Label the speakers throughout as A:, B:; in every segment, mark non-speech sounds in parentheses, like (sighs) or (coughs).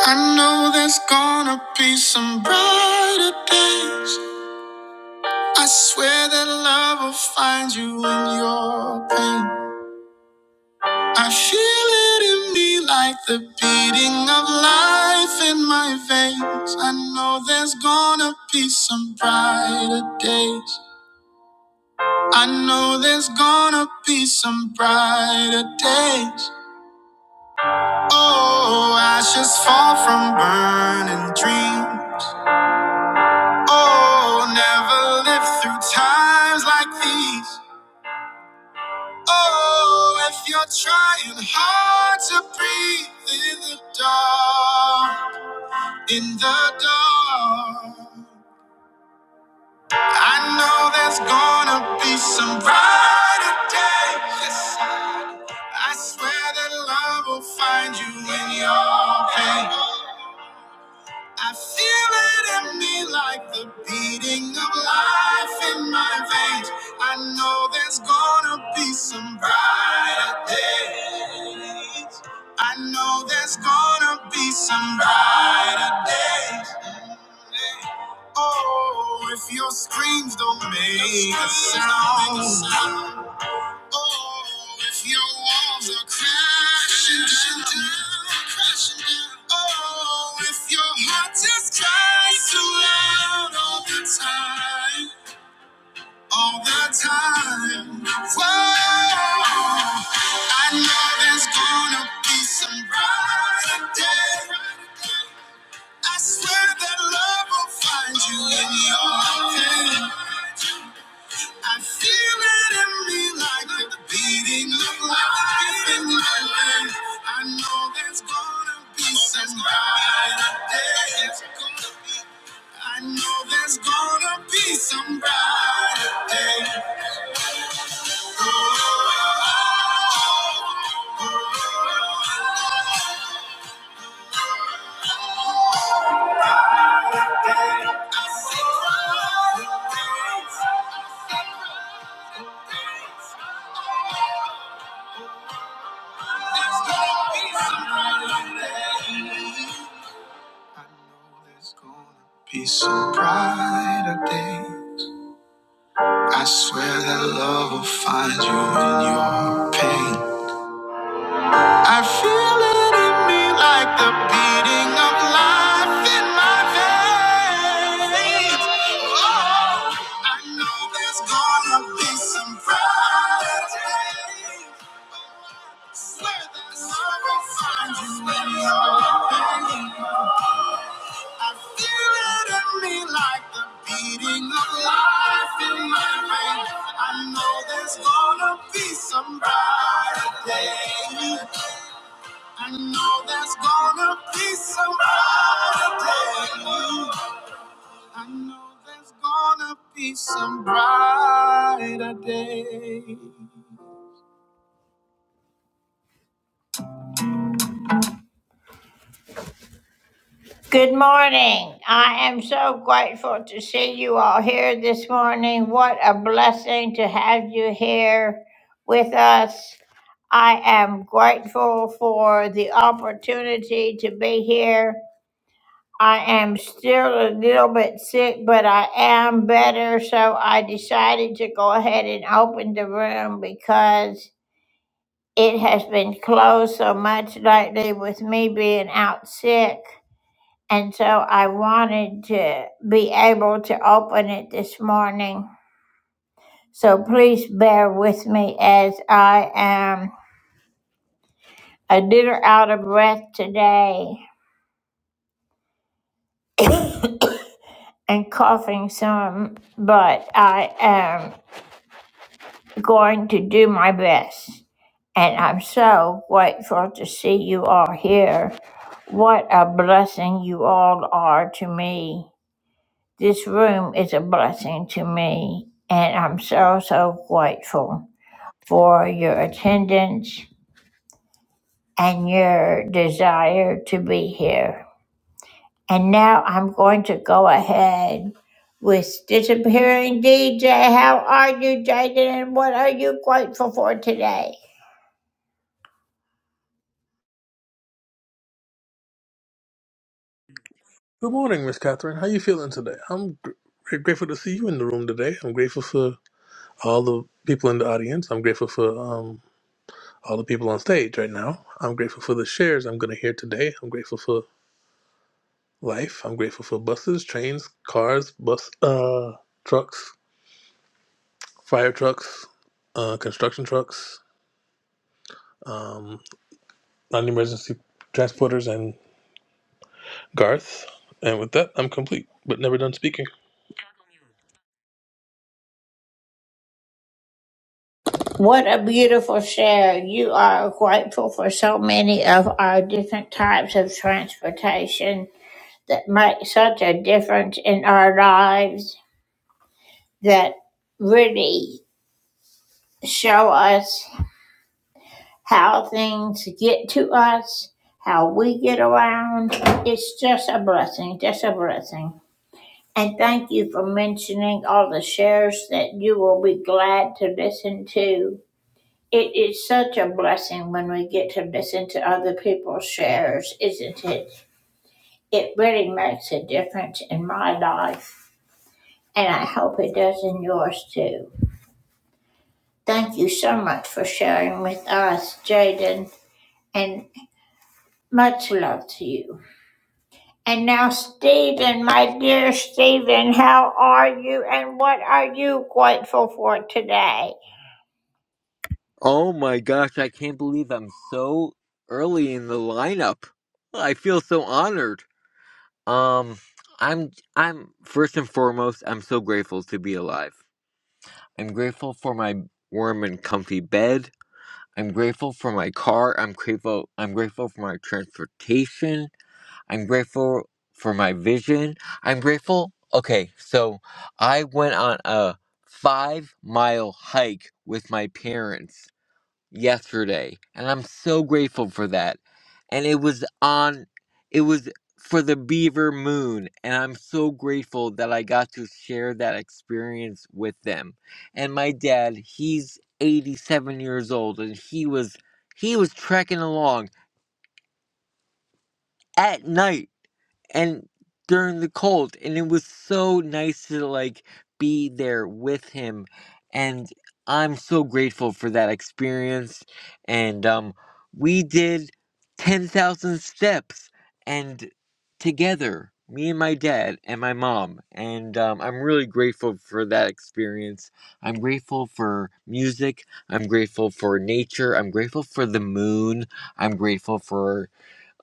A: I know there's gonna be some brighter days. I swear that love will find you in your pain. I feel it in me like the beating of life in my veins. I know there's gonna be some brighter days. I know there's gonna be some brighter days. Oh, ashes fall from burning dreams. Oh, never live through times like these. Oh, if you're trying hard to breathe in the dark, in the dark. I know there's gonna be some brighter day. Yes, I swear that love will find you in your pain. I feel it in me like the beating of life in my veins. I know there's gonna be some brighter days. I know there's gonna be some brighter days. Oh, if your screams don't make a sound, Oh, if your walls are crashing down, crashing down. Oh, if your heart just cries too loud all the time, all the time. Whoa, I know there's gonna be some brighter day. I swear that love will find you in your day. I feel it in me like the beating of life in my land. I know there's gonna be some brighter days. I know there's gonna be some brighter days. I see brighter days. There's gonna be some brighter days. I know there's gonna be some brighter days. I swear that love will find you in your pain. I feel it in me like the beating of life in my veins. Oh, I know there's gonna be some bright days. Swear that love will find you in your pain. I feel it in me like the beating of life in my veins. I know there's gonna be some brighter day. I know there's gonna be some brighter day. I know there's gonna be some brighter day. Good morning. I am so grateful to see you all here this morning. What a blessing to have you here with us. I am grateful for the opportunity to be here. I am still a little bit sick, but I am better, so I decided to go ahead and open the room because it has been closed so much lately with me being out sick. And so I wanted to be able to open it this morning. So please bear with me as I am a little out of breath today and coughing some, but I am going to do my best. And I'm so grateful to see you all here. What a blessing you all are to me. This room is a blessing to me, and I'm so, so grateful. for your attendance and your desire to be here. And now I'm going to go ahead with disappearing DJ. How are you, Jaden? And what are you grateful for today?
B: Good morning, Miss Catherine. How you feeling today? I'm gr- grateful to see you in the room today. I'm grateful for all the people in the audience. I'm grateful for um, all the people on stage right now. I'm grateful for the shares I'm going to hear today. I'm grateful for life. I'm grateful for buses, trains, cars, bus, uh, trucks, fire trucks, uh, construction trucks, um, non-emergency transporters, and Garth. And with that, I'm complete, but never done speaking.
A: What a beautiful share. You are grateful for so many of our different types of transportation that make such a difference in our lives that really show us how things get to us, how we get around. It's just a blessing, just a blessing. And thank you for mentioning all the shares that you will be glad to listen to. It is such a blessing when we get to listen to other people's shares, isn't it? It really makes a difference in my life, and I hope it does in yours too. Thank you so much for sharing with us, Jaden, and much love to you. And now, Stephen, my dear Stephen, how are you and what are you grateful for today?
C: Oh my gosh, I can't believe I'm so early in the lineup. I feel so honored. Um I'm I'm first and foremost, I'm so grateful to be alive. I'm grateful for my warm and comfy bed. I'm grateful for my car. I'm grateful I'm grateful for my transportation. I'm grateful for my vision. I'm grateful. Okay, so I went on a 5-mile hike with my parents yesterday and i'm so grateful for that and it was on it was for the beaver moon and i'm so grateful that i got to share that experience with them and my dad he's 87 years old and he was he was trekking along at night and during the cold and it was so nice to like be there with him and i'm so grateful for that experience and um we did 10,000 steps and together me and my dad and my mom and um, i'm really grateful for that experience i'm grateful for music i'm grateful for nature i'm grateful for the moon i'm grateful for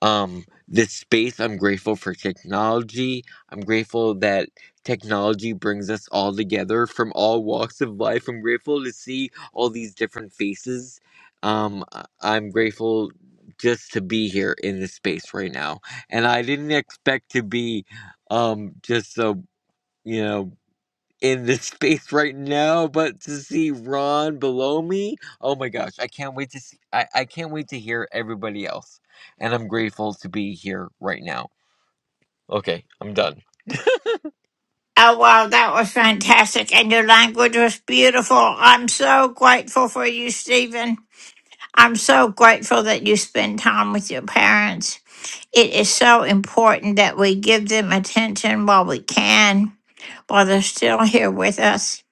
C: um this space i'm grateful for technology i'm grateful that technology brings us all together from all walks of life i'm grateful to see all these different faces um I- i'm grateful just to be here in this space right now and i didn't expect to be um just a you know in this (laughs) space right now, but to see Ron below me, oh my gosh, I can't wait to see I, I can't wait to hear everybody else. And I'm grateful to be here right now. Okay, I'm done.
A: Oh, wow, that was fantastic. And your language was beautiful. I'm so grateful for you, Stephen. I'm so grateful that you spend time with your parents. It is so important that we give them attention while we can, while they're still here with us.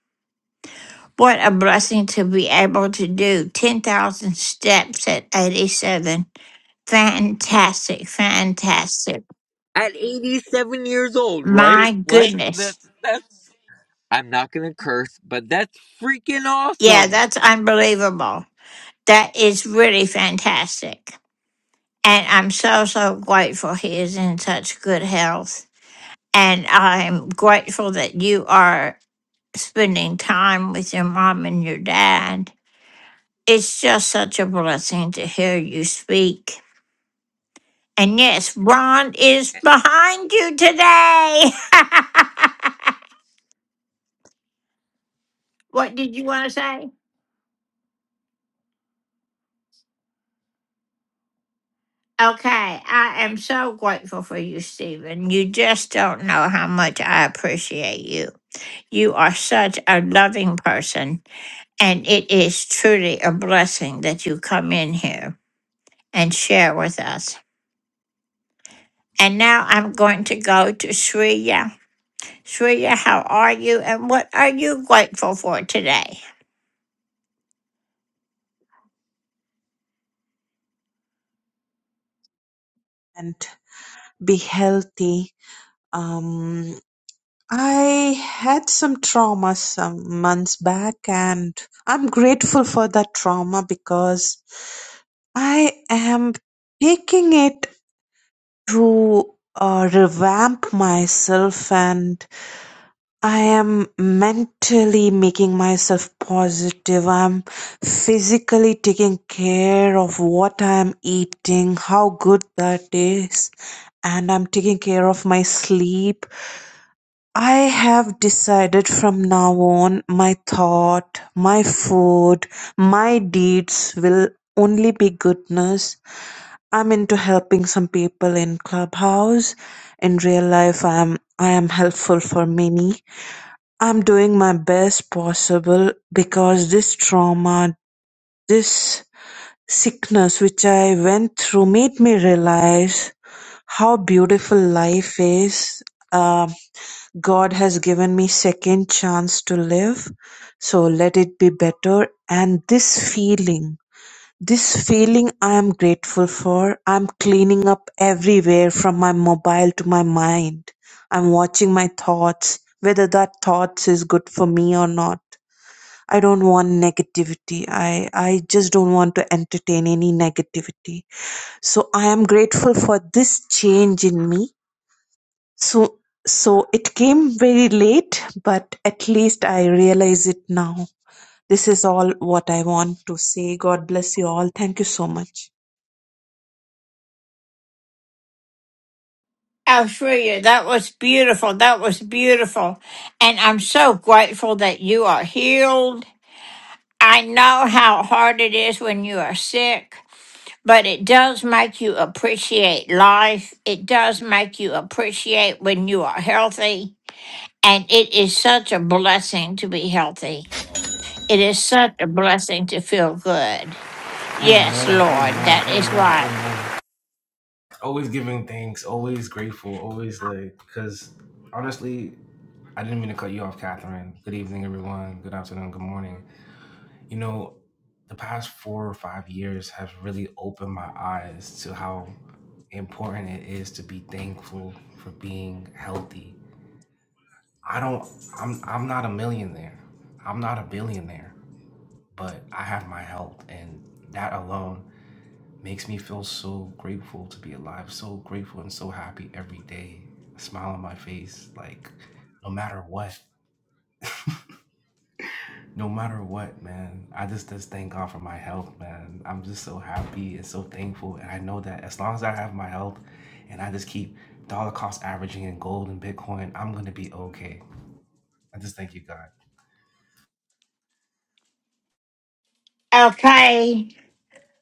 A: What a blessing to be able to do 10,000 steps at 87. Fantastic, fantastic.
C: At 87 years old, right?
A: My
C: Like
A: goodness.
C: that's that's I'm not gonna curse, but that's freaking
A: Yeah,
C: awesome.
A: that's unbelievable. That is really fantastic. And I'm so, so grateful he is in such good health. And I'm grateful that you are spending time with your mom and your dad. It's just such a blessing to hear you speak. And yes, Ron is behind you today. (laughs) what did you want to say? Okay, I am so grateful for you, Stephen. You just don't know how much I appreciate you. You are such a loving person, and it is truly a blessing that you come in here and share with us. And now I'm going to go to Shreya. Shreya, how are you, and what are you grateful for today?
D: and be healthy. Um, I had some trauma some months back, and I'm grateful for that trauma because I am taking it to uh, revamp myself and I am mentally making myself positive. I'm physically taking care of what I'm eating, how good that is, and I'm taking care of my sleep. I have decided from now on my thought, my food, my deeds will only be goodness. I'm into helping some people in Clubhouse. In real life, I am I am helpful for many I'm doing my best possible because this trauma, this sickness which I went through made me realize how beautiful life is. Uh, God has given me second chance to live, so let it be better. And this feeling, this feeling I am grateful for. I'm cleaning up everywhere from my mobile to my mind. I'm watching my thoughts, whether that thoughts is good for me or not. I don't want negativity. I, I just don't want to entertain any negativity. So I am grateful for this change in me. So, so it came very late, but at least I realize it now. This is all what I want to say. God bless you all. Thank you so much.
A: Oh, Shreya, that was beautiful. That was beautiful. And I'm so grateful that you are healed I know how hard it is when you are sick, but it does make you appreciate life. It does make you appreciate when you are healthy. And it is such a blessing to be healthy. It is such a blessing to feel good.
E: Amen.
A: Yes, Lord,
E: Amen.
A: that is
E: Amen.
A: right.
E: Amen. Always giving thanks. Always grateful. Always like, because honestly, I didn't mean to cut you off, Catherine. Good evening, everyone. Good afternoon. Good morning. You know, the past four or five years have really opened my eyes to how important it is to be thankful for being healthy. I don't. I'm. I'm not a millionaire. I'm not a billionaire, but I have my health, and that alone makes me feel so grateful to be alive, so grateful and so happy every day. A smile on my face, like no matter what. (laughs) no matter what, man. I just just thank God for my health, man. I'm just so happy and so thankful. And I know that as long as I have my health and I just keep dollar cost averaging in gold and Bitcoin, I'm gonna be okay. I just thank you, God.
A: Okay,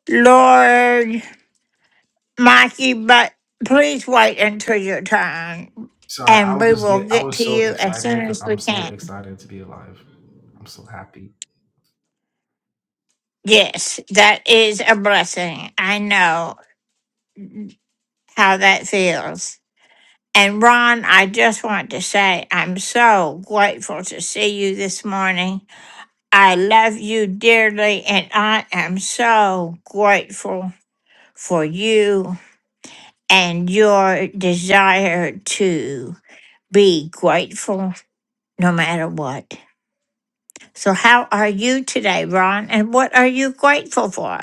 A: Lord Mikey, but please wait until your turn
E: Sorry, I
A: and
E: would
A: we
E: just
A: will
E: get I
A: get
E: was
A: to
E: so
A: you as
E: excited
A: soon
E: because
A: as we
E: I'm so
A: can.
E: excited to be alive. I'm so happy.
A: Yes, that is a blessing. I know how that feels. And Ron, I just want to say I'm so grateful to see you this morning. I love you dearly, and I am so grateful for you and your desire to be grateful no matter what. So, how are you today, Ron? And what are you grateful for?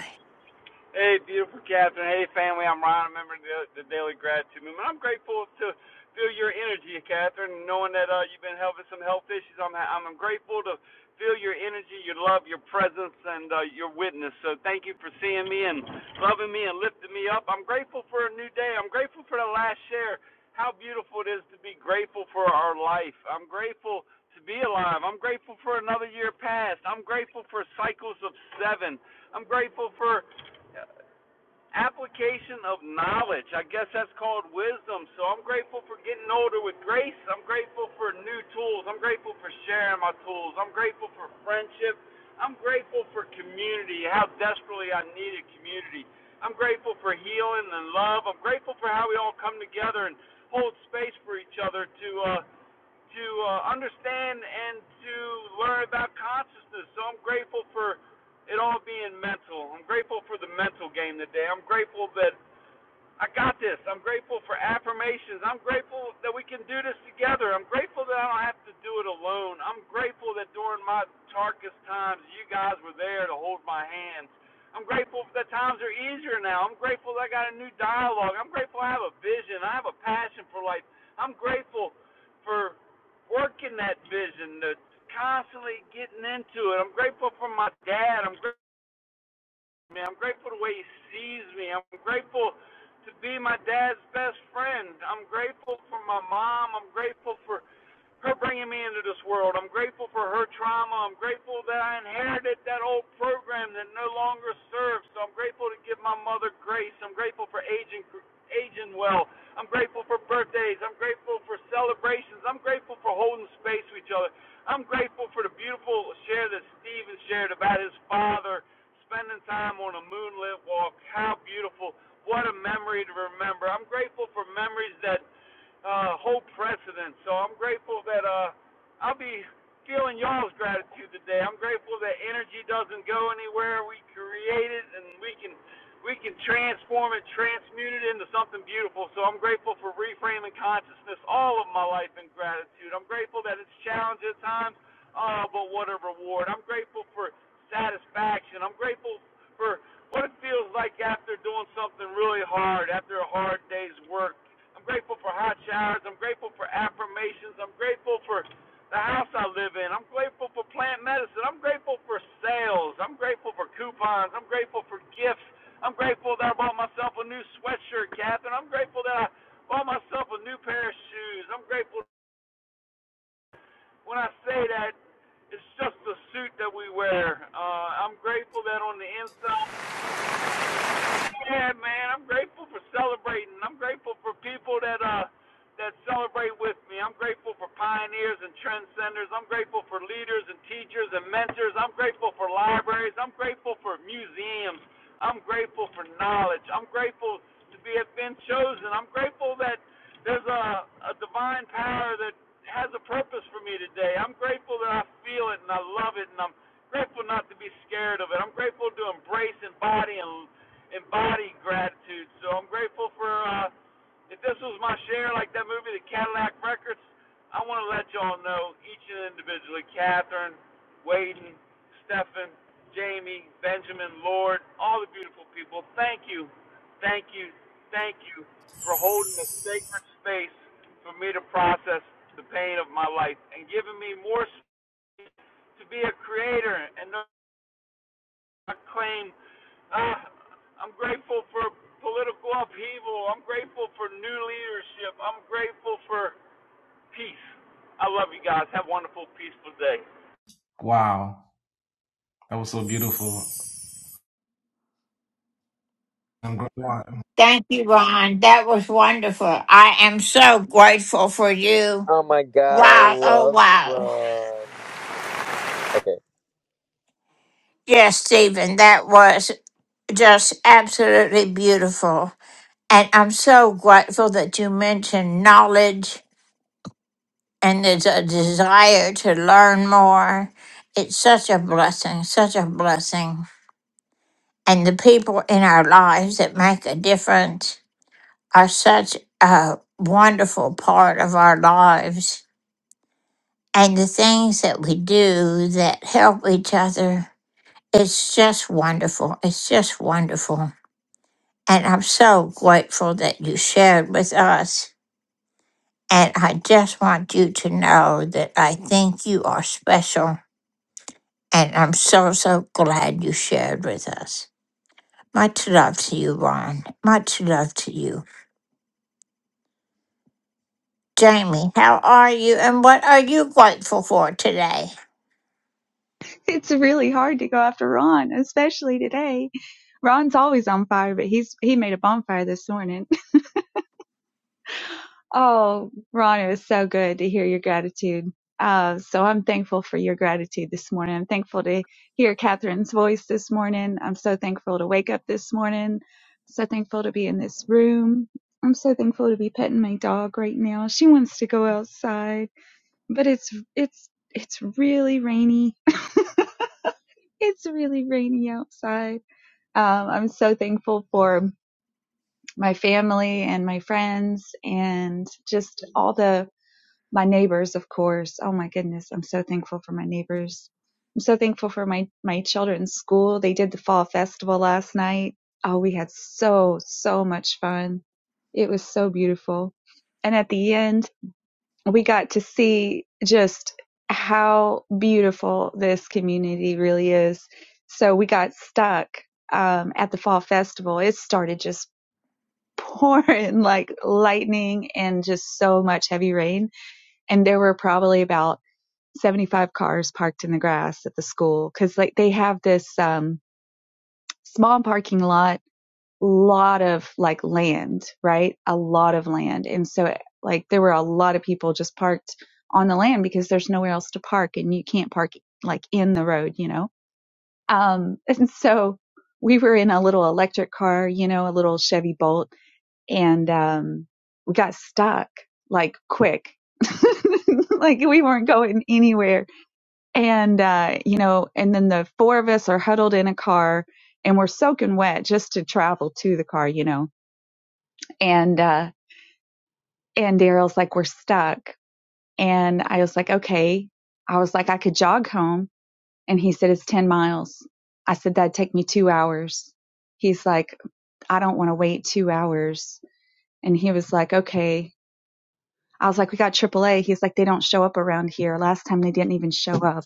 F: Hey, beautiful Catherine. Hey, family. I'm Ron, a member of the, the Daily Gratitude Movement. I'm grateful to feel your energy, Catherine, knowing that uh, you've been having some health issues. I'm, I'm grateful to feel your energy, your love, your presence, and uh, your witness. So thank you for seeing me and loving me and lifting me up. I'm grateful for a new day. I'm grateful for the last share. How beautiful it is to be grateful for our life. I'm grateful to be alive. I'm grateful for another year past. I'm grateful for cycles of seven. I'm grateful for application of knowledge. I guess that's called wisdom. So I'm grateful for getting older with grace. I'm grateful for new tools. I'm grateful for sharing my tools. I'm grateful for friendship. I'm grateful for community, how desperately I needed community. I'm grateful for healing and love. I'm grateful for how we all come together and hold space for each other to uh, to uh, understand and to learn about consciousness. So I'm grateful for it all being mental. I'm grateful for the mental game today. I'm grateful that I got this. I'm grateful for affirmations. I'm grateful that we can do this together. I'm grateful that I don't have to do it alone. I'm grateful that during my darkest times, you guys were there to hold my hands. I'm grateful that times are easier now. I'm grateful that I got a new dialogue. I'm grateful I have a vision. I have a passion for life. I'm grateful for working that vision, to constantly getting into it. I'm grateful for my dad. I'm grateful me. I'm grateful the way he sees me. I'm grateful to be my dad's best friend. I'm grateful for my mom. I'm grateful for her bringing me into this world. I'm grateful for her trauma. I'm grateful that I inherited that old program that no longer serves. So I'm grateful to give my mother grace. I'm grateful for aging aging well. I'm grateful for birthdays. I'm grateful for celebrations. I'm grateful for holding space with each other. I'm grateful for the beautiful share that Stephen shared about his father spending time on a moonlit walk. How beautiful. What a memory to remember. I'm grateful for memories that uh, whole precedent. So I'm grateful that uh, I'll be feeling y'all's gratitude today. I'm grateful that energy doesn't go anywhere. We create it, and we can we can transform it, transmute it into something beautiful. So I'm grateful for reframing consciousness all of my life in gratitude. I'm grateful that it's challenged at times, uh, but what a reward. I'm grateful for satisfaction. I'm grateful for what it feels like after doing something really hard, after a hard day's work. I'm grateful for hot showers. I'm grateful for affirmations. I'm grateful for the house I live in. I'm grateful for plant medicine. I'm grateful for sales. I'm grateful for coupons. I'm grateful for gifts. I'm grateful that I bought myself a new sweatshirt, Catherine. I'm grateful that I bought myself a new pair of shoes. I'm grateful when I say that it's just the suit that we wear. Uh, I'm grateful that on the inside Yeah, man, I'm grateful for celebrating. I'm grateful for people that uh that celebrate with me. I'm grateful for pioneers and trendsetters. I'm grateful for leaders and teachers and mentors. I'm grateful for libraries. I'm grateful for museums. I'm grateful for knowledge. I'm grateful to be have been chosen. I'm grateful that there's a, a divine power that has a purpose for me today. I'm grateful that I feel it and I love it and I'm grateful not to be scared of it. I'm grateful to embrace and body and embody gratitude. So I'm grateful for uh, if this was my share, like that movie, The Cadillac Records. I want to let y'all know each and individually, Catherine, Waden, Stephen, Jamie, Benjamin, Lord, all the beautiful people. Thank you, thank you, thank you for holding a sacred space for me to process the pain of my life and giving me more space to be a creator and. know claim. Uh, I'm grateful for political upheaval. I'm grateful for new leadership. I'm grateful for peace. I love you guys. Have a wonderful, peaceful day.
E: Wow. That was so beautiful. I'm glad.
A: Thank you, Ron. That was wonderful. I am so grateful for you.
C: Oh my god, I
A: Wow. Oh,
C: love
A: wow.
C: Ron. Okay.
A: Yes, Stephen, that was just absolutely beautiful. And I'm so grateful that you mentioned knowledge and there's a desire to learn more. It's such a blessing, such a blessing. And the people in our lives that make a difference are such a wonderful part of our lives. and the things that we do that help each other. It's just wonderful. It's just wonderful. And I'm so grateful that you shared with us. And I just want you to know that I think you are special. And I'm so, so glad you shared with us. Much love to you, Ron. Much love to you. Jamie, how are you and what are you grateful for today?
G: (laughs) It's really hard to go after Ron, especially today. Ron's always on fire, but he's he made a bonfire this morning. (laughs) Oh, Ron, it was so good to hear your gratitude. Uh, so I'm thankful for your gratitude this morning. I'm thankful to hear Catherine's voice this morning. I'm so thankful to wake up this morning. So thankful to be in this room. I'm so thankful to be petting my dog right now. She wants to go outside, but it's it's it's really rainy. (laughs) It's really rainy outside Um, I'm so thankful for my family and my friends and just all the my neighbors, of course. Oh my goodness, I'm so thankful for my neighbors. I'm so thankful for my my children's school. They did the fall festival last night. Oh, we had so so much fun. It was so beautiful. And at the end, we got to see just how beautiful this community really is. So we got stuck um, at the fall festival. It started just (laughs) pouring like lightning and just so much heavy rain. And there were probably about 75 cars parked in the grass at the school because like they have this um, small parking lot lot of like land, right? A lot of land. And so eh, like there were a lot of people just parked on the land because there's nowhere else to park and you can't park like in the road, you know? Um, (laughs) and so we were in a little electric car, you know, a little Chevy Bolt and, um, we got stuck like quick. (laughs) like we weren't going anywhere. And, uh, you know, and then the four of us are huddled in a car and we're soaking wet just to travel to the car, you know and uh and Daryl's like we're stuck and I was like okay I was like I could jog home and he said it's 10 miles I said that'd take me 2 hours he's like I don't want to wait 2 hours and he was like okay I was like we got AAA he's like they don't show up around here last time they didn't even show up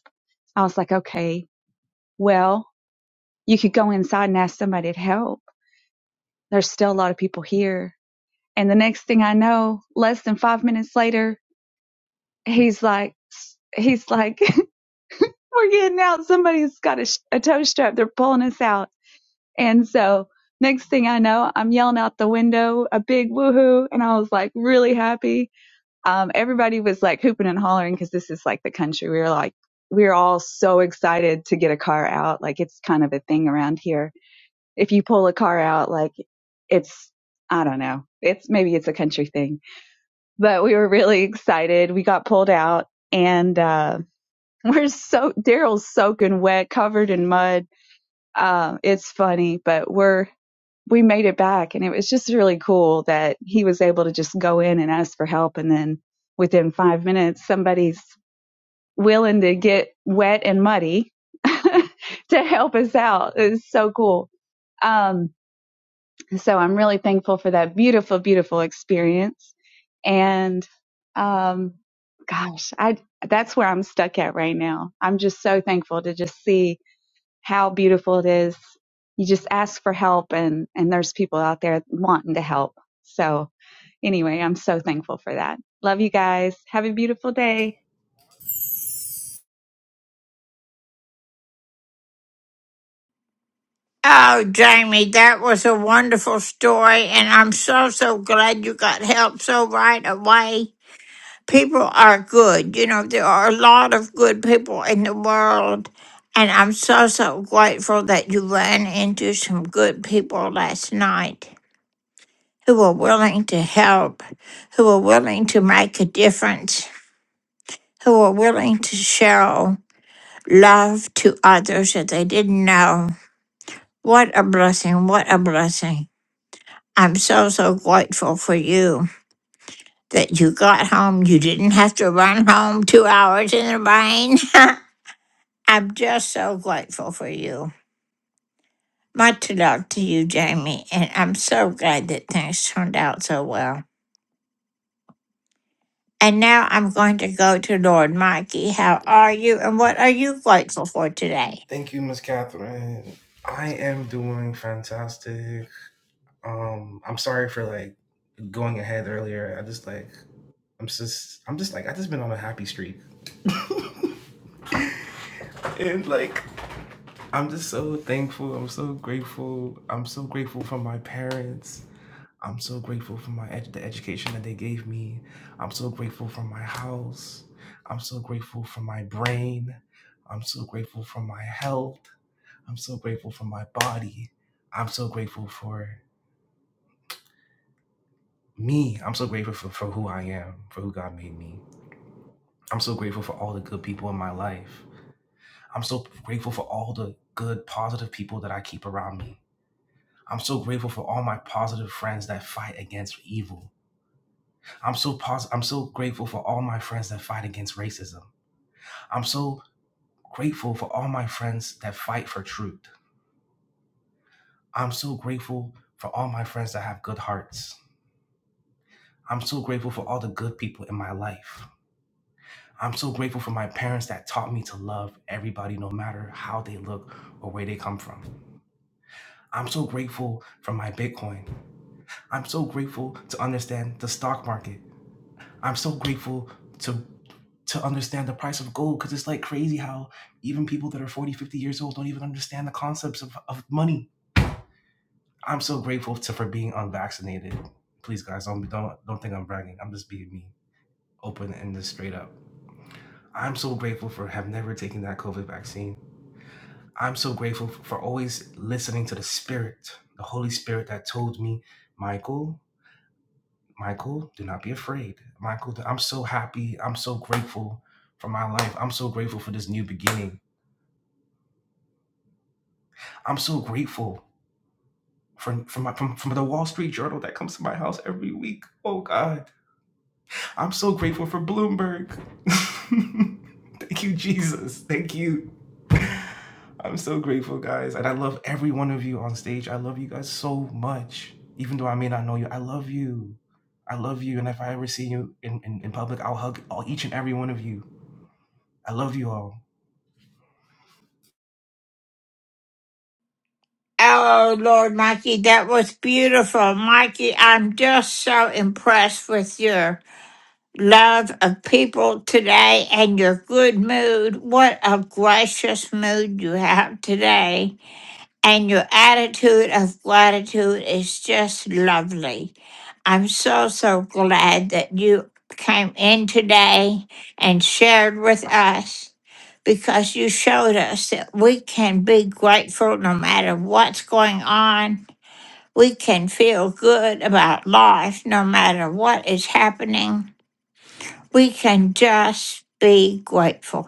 G: I was like okay well you could go inside and ask somebody to help there's still a lot of people here and the next thing I know less than 5 minutes later he's like he's like (laughs) we're getting out somebody's got a, sh- a toe strap they're pulling us out and so next thing i know i'm yelling out the window a big woohoo and i was like really happy um, everybody was like hooping and hollering because this is like the country we were like we we're all so excited to get a car out like it's kind of a thing around here if you pull a car out like it's i don't know it's maybe it's a country thing but we were really excited we got pulled out and uh (laughs) We're so Daryl's soaking wet, covered in mud. Uh, it's funny, but we're we made it back, and it was just really cool that he was able to just go in and ask for help, and then within five minutes, somebody's willing to get wet and muddy (laughs) to help us out. It was so cool. Um, so I'm really thankful for that beautiful, beautiful experience. And um, gosh, I that's where I'm stuck at right now. I'm just so thankful to just see how beautiful it is. You just ask for help, and and there's people out there wanting to help. So anyway, I'm so thankful for that. Love you guys. Have a beautiful day.
A: Oh, Jamie, that was a wonderful story, and I'm so, so glad you got help so right away. people are good. You know, there are a lot of good people in the world. And I'm so, so grateful that you ran into some good people last night who were willing to help, who were willing to make a difference, who were willing to show love to others that they didn't know. What a blessing. What a blessing. I'm so, so grateful for you that you got home. You didn't have to run home two hours in the rain. (laughs) I'm just so grateful for you. Much love to you, Jamie, and I'm so glad that things turned out so well. And now I'm going to go to Lord Mikey. How are you, and what are you grateful for today?
E: Thank you, Miss Catherine. I am doing fantastic. Um, I'm sorry for like going ahead earlier. I just like I'm just I'm just like I just been on a happy streak. And like I'm just so thankful. I'm so grateful. I'm so grateful for my parents. I'm so grateful for my ed- the education that they gave me. I'm so grateful for my house. I'm so grateful for my brain. I'm so grateful for my health. I'm so grateful for my body. I'm so grateful for me. I'm so grateful for, for who I am, for who God made me. I'm so grateful for all the good people in my life. I'm so grateful for all the good, positive people that I keep around me. I'm so grateful for all my positive friends that fight against evil. I'm so pos- I'm so grateful for all my friends that fight against racism. I'm so grateful for all my friends that fight for truth. I'm so grateful for all my friends that have good hearts. I'm so grateful for all the good people in my life. I'm so grateful for my parents that taught me to love everybody no matter how they look or where they come from. I'm so grateful for my Bitcoin. I'm so grateful to understand the stock market. I'm so grateful to to understand the price of gold because it's like crazy how even people that are 40, 50 years old don't even understand the concepts of, of money. I'm so grateful to for being unvaccinated. Please guys, don't don't don't think I'm bragging. I'm just being me open and just straight up. I'm so grateful for have never taken that COVID vaccine. I'm so grateful for always listening to the Spirit, the Holy Spirit that told me, Michael, Michael, do not be afraid. Michael, I'm so happy. I'm so grateful for my life. I'm so grateful for this new beginning. I'm so grateful for, for, my, from, from the Wall Street Journal that comes to my house every week. Oh, God. I'm so grateful for Bloomberg. (laughs) Thank you, Jesus. Thank you. I'm so grateful, guys. And I love every one of you on stage. I love you guys so much. Even though I may not know you, I love you. I love you. And if I ever see you in, in, in public, I'll hug all, each and every one of you. I love you all.
A: Oh, Lord Mikey, that was beautiful. Mikey, I'm just so impressed with your love of people today and your good mood. What a gracious mood you have today. and your attitude of gratitude is just lovely. I'm so, so glad that you came in today and shared with us because you showed us that we can be grateful no matter what's going on. We can feel good about life no matter what is happening. We can just be grateful.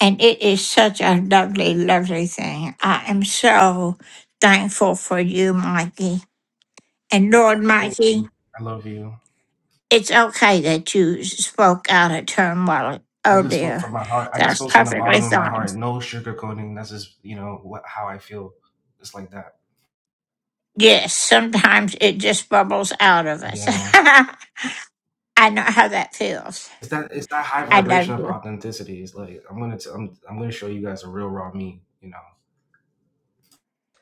A: And it is such a lovely, lovely thing. I am so thankful for you, Mikey. And Lord
E: Thank
A: Mikey,
E: you. I love you.
A: it's okay that you spoke out a term. while
E: I just spoke from
A: earlier.
E: my heart. I just
A: That's
E: spoke from the
A: perfectly
E: bottom of my
A: fine.
E: heart. No sugarcoating. That's just, you know, what, how I feel. Just like that.
A: Yes, sometimes it just bubbles out of us.
E: Yeah.
A: (laughs) I know how that feels.
E: It's that it's that high
A: I love
E: vibration of
A: you.
E: authenticity. It's like I'm gonna t- I'm I'm gonna show you guys a real raw me. You know,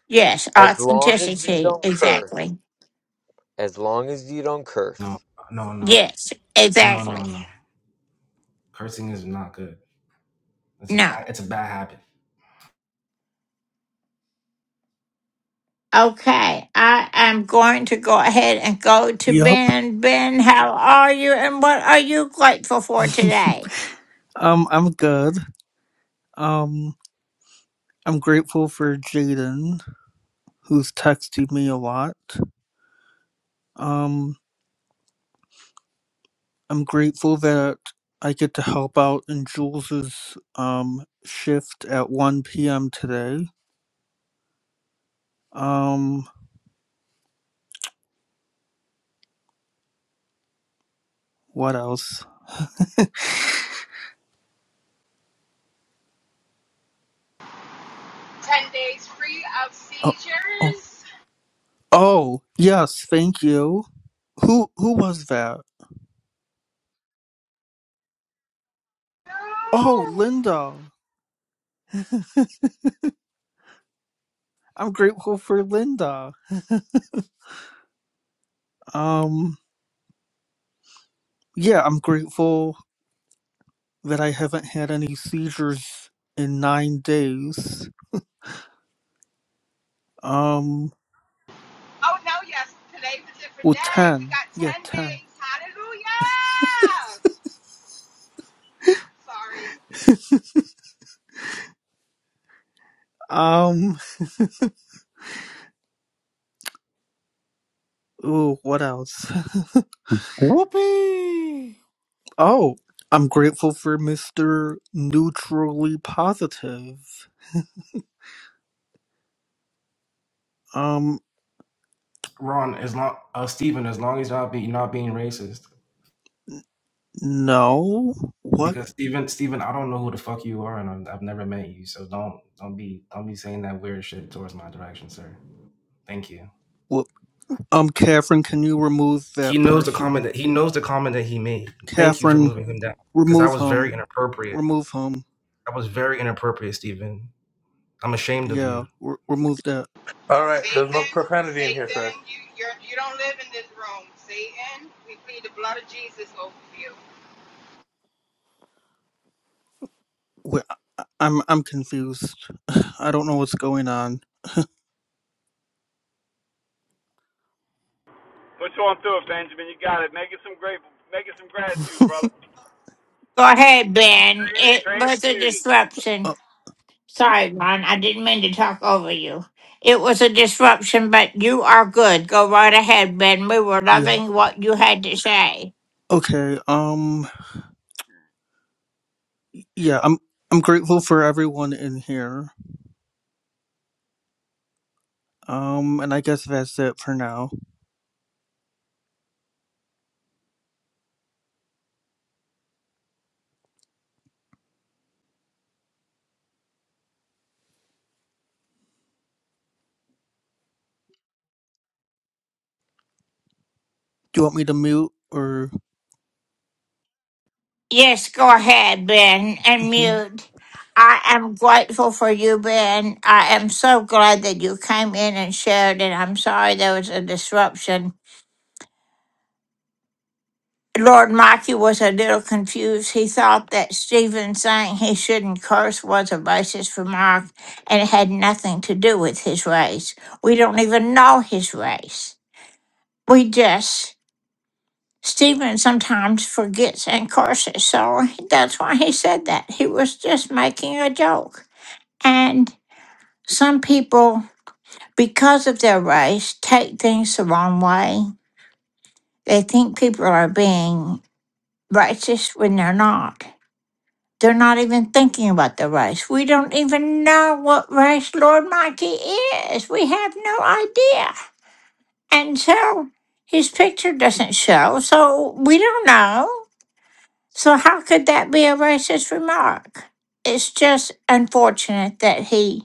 A: Yes,
C: As long as you
A: authenticity.
C: don't curse.
A: Exactly.
C: As long as you don't curse.
E: no, no, no,
A: Yes,
E: no, no,
A: exactly.
E: no. Cursing is not good. It's a
A: No.
E: bad, it's a bad habit.
A: Okay, I am going to go ahead and go to
H: Yup.
A: Ben. Ben, how are you and what are you grateful for today?
H: Um, I'm good. Um, I'm grateful for Jaden, who's texted me a lot. Um, I'm grateful that I get to help out in Jules's um shift at 1 p.m. today. Um, what else?
I: 10 days free of
H: Oh, oh,
I: seizures.
H: oh, yes, thank you. Who who was that? Oh,
I: Oh,
H: Linda. I'm grateful for Linda. (laughs) Um, yeah, I'm grateful that I haven't had any seizures in nine days. Um,
I: oh no, yes. Today's a different
H: well,
I: day. We
H: ten.
I: got 10
H: Yeah, ten.
I: days. Hallelujah. Sorry.
H: Um, ooh, what else?
J: Whoopee!
H: Oh, I'm grateful for Mr. Neutrally Positive. Um,
E: Ron, as long uh, Stephen, as long as you're not, be, you're not being racist,
H: no. What?
E: because Stephen, Stephen, I don't know who the fuck you are, and I'm, I've never met you, so don't don't be don't be saying that weird shit towards my direction, sir. Thank you.
H: what? Um, Catherine, can you remove
E: He
H: that
E: knows the comment
H: person?
E: that he knows the comment that he made. Thank you for
H: Catherine,
E: moving him down, because that
H: remove
E: was
H: him.
E: very inappropriate.
H: Remove him.
E: That was very inappropriate, Stephen. I'm ashamed of you.
H: Yeah, re- remove that.
B: All right, there's no
I: Satan,
B: profanity in here, sir.
I: Satan, you you're, you don't live in this room. Satan, we plead the blood of Jesus over you.
H: Wait, I- I'm I'm confused. (sighs) I don't know what's going on.
F: Push on through it, Benjamin. You got it. Make it some grateful. Make it some gratitude, brother.
A: Go ahead, Ben.
F: Trans-
A: It was a
F: transmuted.
A: disruption.
H: Uh,
A: Sorry, Ron, I didn't mean to talk over you. It was a disruption, but you are good. Go right ahead, Ben. We were
H: yeah.
A: loving what you had to say.
H: Okay. Um. Yeah. I'm. I'm grateful for everyone in here. Um. And I guess that's it for now. Do you want me to mute or?
A: Yes, go ahead, Ben, and
H: Mm-hmm.
A: mute. I am grateful for you, Ben. I am so glad that you came in and shared, and I'm sorry there was a disruption. Lord Mikey was a little confused. He thought that Stephen saying he shouldn't curse was a racist remark, and it had nothing to do with his race. We don't even know his race. We just, Stephen sometimes forgets and curses, so that's why he said that. He was just making a joke. And some people, because of their race, take things the wrong way. They think people are being racist when they're not. They're not even thinking about the race. We don't even know what race Lord Mikey is. We have no idea. And so his picture doesn't show, so we don't know. So, how could that be a racist remark? It's just unfortunate that he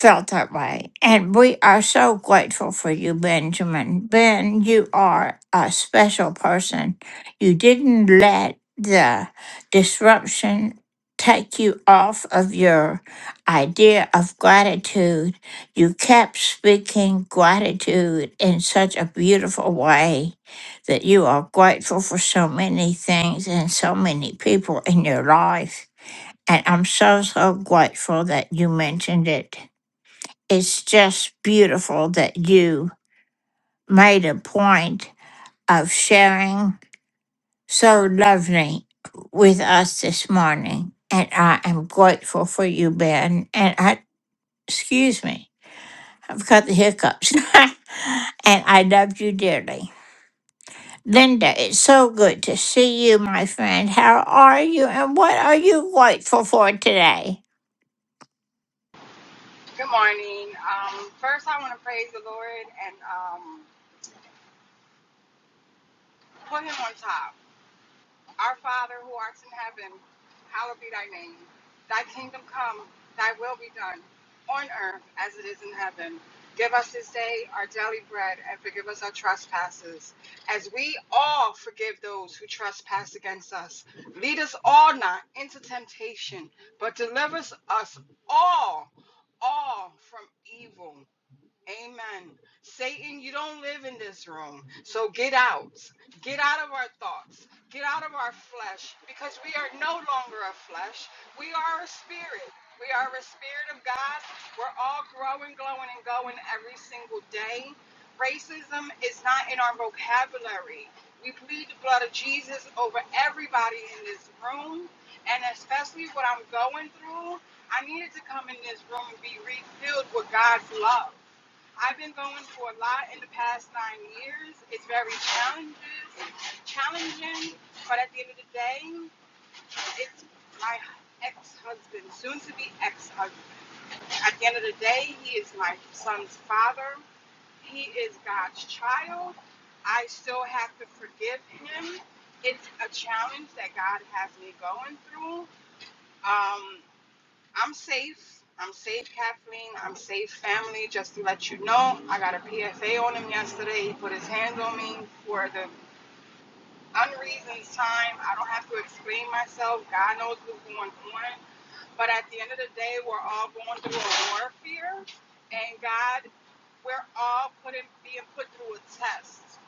A: felt that way. And we are so grateful for you, Benjamin. Ben, you are a special person. You didn't let the disruption take you off of your idea of gratitude. You kept speaking gratitude in such a beautiful way that you are grateful for so many things and so many people in your life. And I'm so, so grateful that you mentioned it it's just beautiful that you made a point of sharing so lovely with us this morning. And I am grateful for you, Ben. And I, excuse me, I've got the hiccups. (laughs) and I love you dearly. Linda, it's so good to see you, my friend. How are you? And what are you grateful for today?
I: Good morning. Um, first, I want to praise the Lord and um, put him on top. Our Father who art in heaven, hallowed be thy name. Thy kingdom come, thy will be done, on earth as it is in heaven. Give us this day our daily bread and forgive us our trespasses, as we all forgive those who trespass against us. Lead us all not into temptation, but deliver us all, all from evil. Amen. Satan, you don't live in this room. So get out. Get out of our thoughts. Get out of our flesh because we are no longer a flesh. We are a spirit. We are a spirit of God. We're all growing, glowing, and going every single day. Racism is not in our vocabulary. We plead the blood of Jesus over everybody in this room. And especially what I'm going through, I needed to come in this room and be refilled with God's love. I've been going for a lot in the past nine years. It's very challenges, challenging, but at the end of the day, it's my ex-husband, soon to be ex-husband. At the end of the day, he is my son's father. He is God's child. I still have to forgive him. It's a challenge that God has me going through. Um, I'm safe. I'm safe, Kathleen. I'm safe, family. Just to let you know, I got a PFA on him yesterday. He put his hands on me for the unreasoned time. I don't have to explain myself. God knows what's going on. But at the end of the day, we're all going through a warfare, and God, we're all putting being put through a test.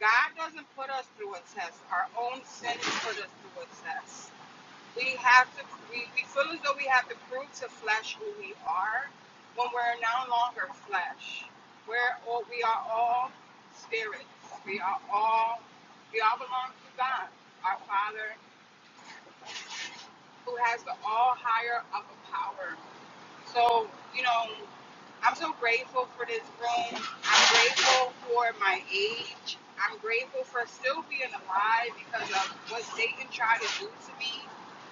I: God doesn't put us through a test. Our own sin put us through a test we have to we, we feel as though we have to prove to flesh who we are when we're no longer flesh we're all we are all spirits we are all we all belong to god our father who has the all higher upper power so, you know, I'm so grateful for this room. I'm grateful for my age. I'm grateful for still being alive because of what Satan tried to do to me.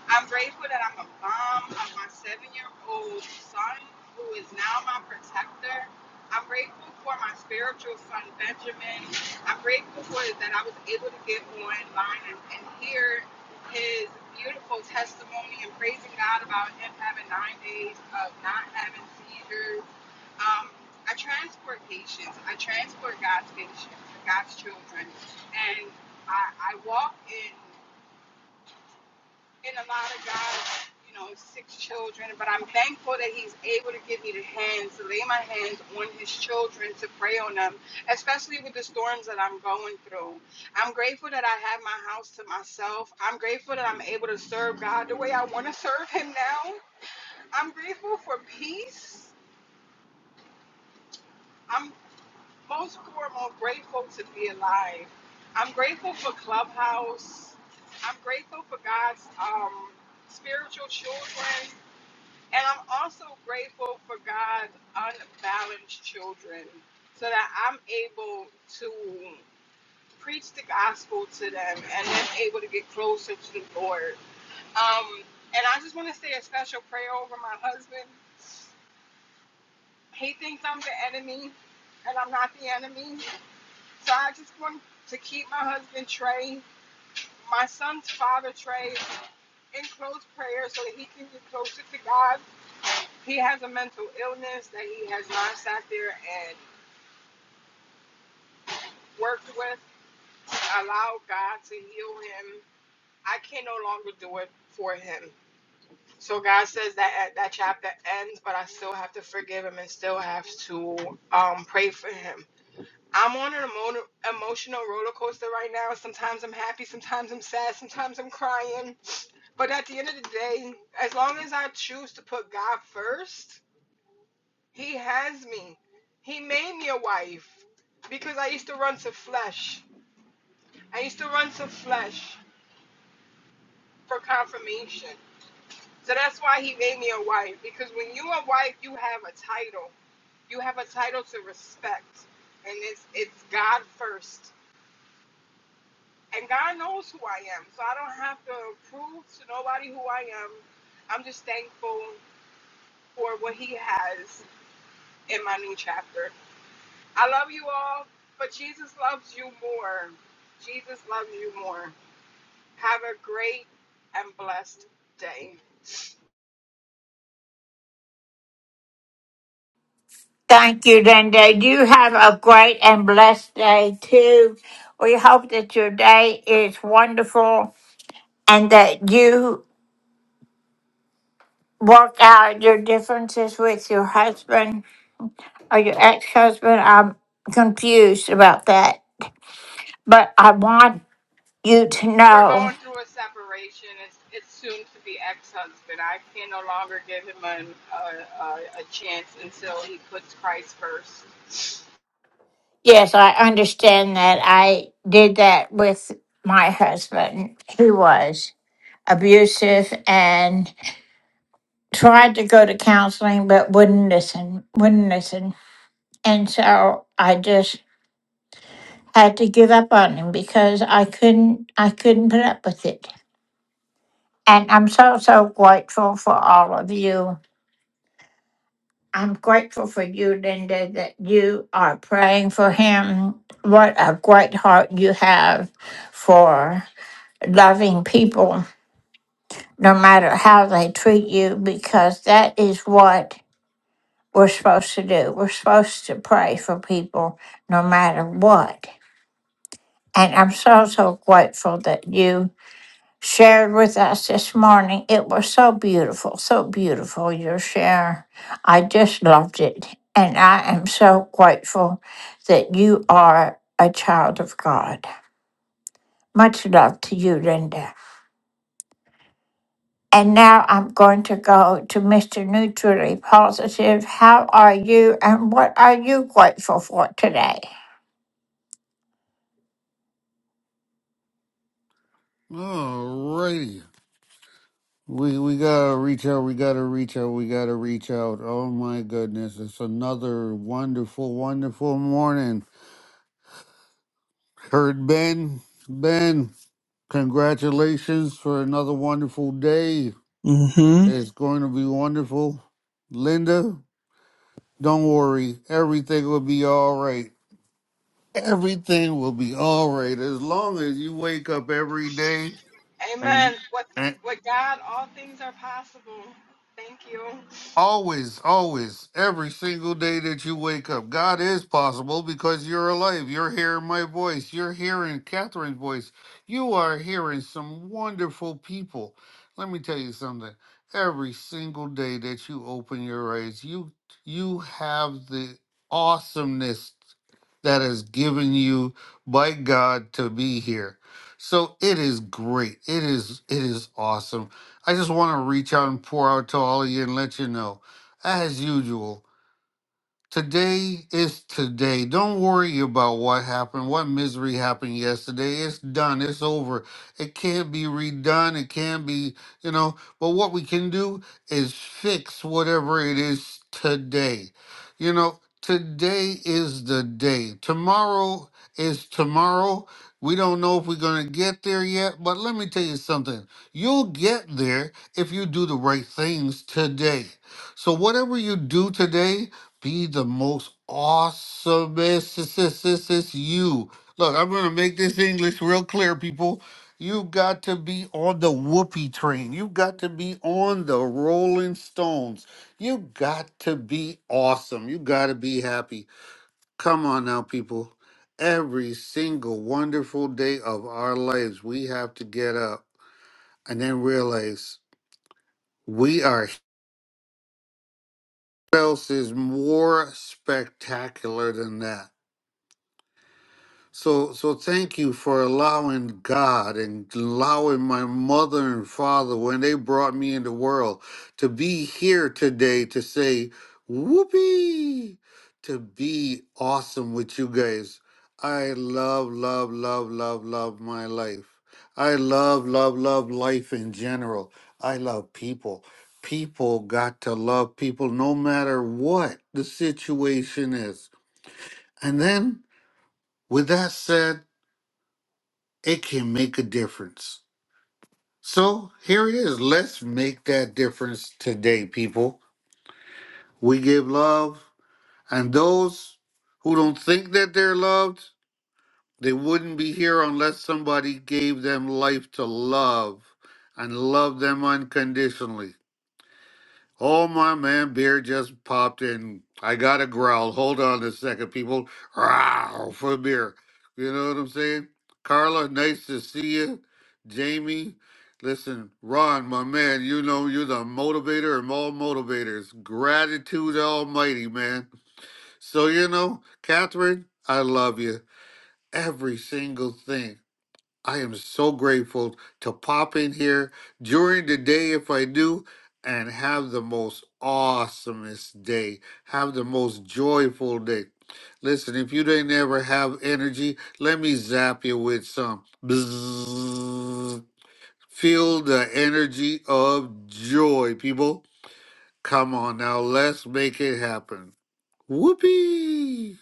I: I'm grateful that I'm a mom of my seven year old son, who is now my protector. I'm grateful for my spiritual son, Benjamin. I'm grateful for that I was able to get online and, and hear his beautiful testimony and praising God about him having nine days of not having seizures. Um, I transport patients. I transport God's patients, God's children, and I, I walk in and a lot of guys, you know, six children, but I'm thankful that he's able to give me the hands, to lay my hands on his children to pray on them, especially with the storms that I'm going through. I'm grateful that I have my house to myself. I'm grateful that I'm able to serve God the way I want to serve him now. I'm grateful for peace. I'm most foremost grateful to be alive. I'm grateful for Clubhouse. I'm grateful for God's um, spiritual children. And I'm also grateful for God's unbalanced children so that I'm able to preach the gospel to them and then able to get closer to the Lord. Um, and I just want to say a special prayer over my husband. He thinks I'm the enemy, and I'm not the enemy. So I just want to keep my husband, Trey, my son's father, Trey, in close prayer so that he can get closer to God he has a mental illness that he has not sat there and worked with. Allow God to heal him. I can no longer do it for him. So God says that that chapter ends, but I still have to forgive him and still have to um, pray for him. I'm on an emo- emotional roller coaster right now. Sometimes I'm happy, sometimes I'm sad, sometimes I'm crying. But at the end of the day, as long as I choose to put God first, He has me. He made me a wife because I used to run to flesh. I used to run to flesh for confirmation. So that's why he made me a wife because when you are a wife, you have a title. You have a title to respect, and it's it's God first. And God knows who I am, so I don't have to prove to nobody who I am. I'm just thankful for what He has in my new chapter. I love you all, but Jesus loves you more. Jesus loves you more. Have a great and blessed day.
A: Thank you, Linda. You have a great and blessed day too. We hope that your day is wonderful and that you work out your differences with your husband or your ex husband. I'm confused about that, but I want you to
I: We're going
A: know
I: through a separation. It's, it's soon to be ex-husband. I can no longer give him an, a, a, a chance until he puts Christ first.
A: yes, I understand that I did that with my husband. He was abusive and tried to go to counseling but wouldn't listen, wouldn't listen. And so I just had to give up on him because I couldn't I couldn't put up with it. And I'm so so grateful for all of you. I'm grateful for you, Linda, that you are praying for him. What a great heart you have for loving people, no matter how they treat you, because that is what we're supposed to do. We're supposed to pray for people no matter what. And I'm so, so grateful that you shared with us this morning. It was so beautiful, so beautiful, your share. I just loved it. And I am so grateful that you are a child of God. Much love to you, Linda. And now I'm going to go to Mr. Neutrally Positive. How are you and what are you grateful for today?
J: Alrighty. We we gotta reach out, we gotta reach out, we gotta reach out. Oh my goodness, it's another wonderful, wonderful morning. Heard Ben. Ben, congratulations for another wonderful day.
H: Mm-hmm.
J: It's going to be wonderful. Linda, don't worry, everything will be alright. Everything will be alright as long as you wake up every day and,
I: Amen. With,
J: you,
I: with God, all things are possible. Thank you.
J: Always, always, every single day that you wake up, God is possible because you're alive. You're hearing my voice. You're hearing Catherine's voice. You are hearing some wonderful people. Let me tell you something. Every single day that you open your eyes, you you have the awesomeness that is given you by God to be here. So it is great. It is it is awesome I just want to reach out and pour out to all of you and let you know, as usual, Today is today. Don't worry about what happened, what misery happened yesterday. It's done. It's over. It can't be redone. It can't be, you know. But what we can do is fix whatever it is today. You know, today is the day. Tomorrow is tomorrow. We don't know if we're going to get there yet, but let me tell you something. You'll get there if you do the right things today. So, whatever you do today, be the most awesomest you. Look, I'm gonna make this English real clear, people. You got to be on the whoopee train. You got to be on the Rolling Stones. You got to be awesome. You got to be happy. Come on now, people. Every single wonderful day of our lives, we have to get up and then realize we are. What else is more spectacular than that? So, so thank you for allowing God and allowing my mother and father when they brought me in the world to be here today to say, whoopee, to be awesome with you guys. I love, love, love, love, love my life. I love, love, love life in general. I love people. People got to love people no matter what the situation is. And then, with that said, it can make a difference. So here it is. Let's make that difference today, people. We give love, and those who don't think that they're loved, they wouldn't be here unless somebody gave them life to love and love them unconditionally. Oh, my man, beer just popped in. I got to growl. Hold on a second, people. Growl for beer. You know what I'm saying? Carla, nice to see you. Jamie, listen, Ron, my man, you know you're the motivator of all motivators. Gratitude almighty, man. So, you know, Catherine, I love you. Every single thing. I am so grateful to pop in here during the day if I do and have the most awesomest day. Have the most joyful day. Listen, if you didn't ever have energy, let me zap you with some. Bzzz. Feel the energy of joy, people. Come on now, let's make it happen. Whoopee!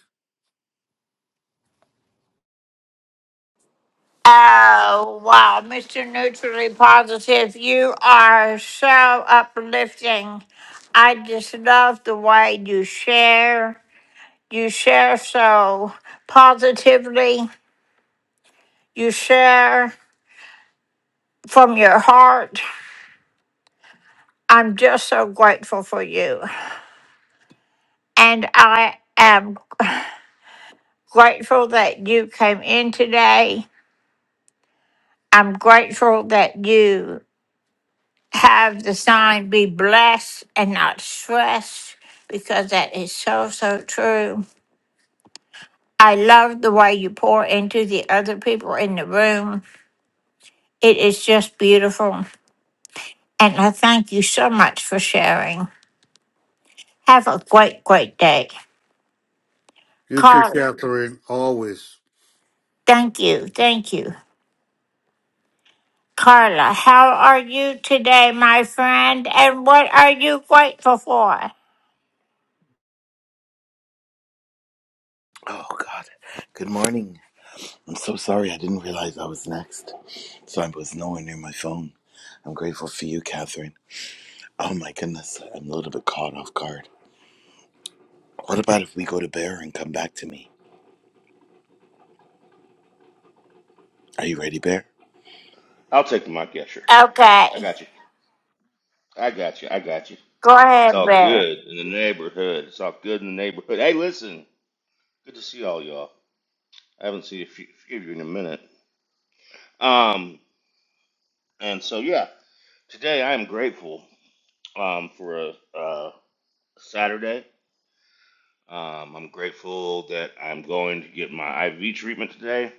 A: Oh, wow. Mr. Neutrally Positive, you are so uplifting. I just love the way you share. You share so positively. You share from your heart. I'm just so grateful for you. And I am grateful that you came in today. I'm grateful that you have the sign be blessed and not stressed because that is so, so true. I love the way you pour into the other people in the room. It is just beautiful. And I thank you so much for sharing. Have a great, great day.
J: You too,
A: Carla,
J: Catherine, always.
A: thank you. Thank you. Carla, how are you today, my friend? And what are you grateful for?
K: Oh God. Good morning. I'm so sorry I didn't realize I was next. So I was nowhere near my phone. I'm grateful for you, Catherine. Oh my goodness, I'm a little bit caught off guard. What about if we go to Bear and come back to me? Are you ready, Bear?
L: I'll take the Mike Escher. I
A: Okay.
L: got you. I got you. I got you.
A: Go
L: It's
A: ahead,
L: all
A: Bear.
L: good in the neighborhood. It's all good in the neighborhood. Hey, listen. Good to see all y'all. I haven't seen a few, few of you in a minute. Um, and so yeah, today I am grateful um for a, a Saturday. Um, I'm grateful that I'm going to get my IV treatment today.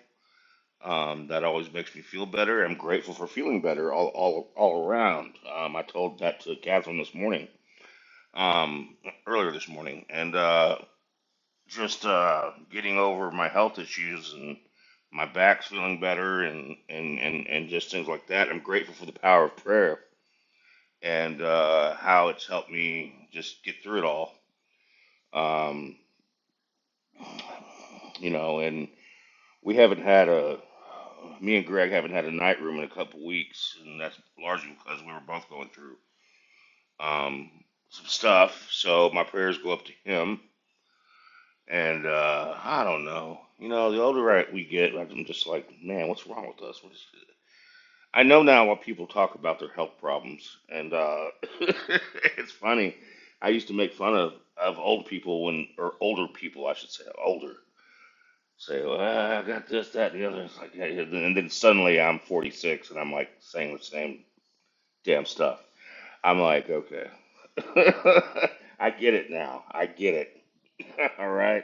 L: Um, that always makes me feel better. I'm grateful for feeling better all all all around. Um, I told that to Catherine this morning um, earlier this morning, and uh, just uh, getting over my health issues and my back's feeling better, and and and and just things like that. I'm grateful for the power of prayer and uh, how it's helped me just get through it all. Um, you know, and we haven't had a me and Greg haven't had a night room in a couple weeks, and that's largely because we were both going through um, some stuff. So my prayers go up to him And uh, I don't know. You know, the older I, we get, like, I'm just like, man, what's wrong with us? What is it? I know now why people talk about their health problems, and uh, (laughs) it's funny. I used to make fun of, of old people when, or older people, I should say, older. Say, well, I got this, that, and the other. It's like, yeah, yeah. and then suddenly I'm 46, and I'm like saying the same damn stuff. I'm like, okay, (laughs) I get it now. I get it. (laughs) All right.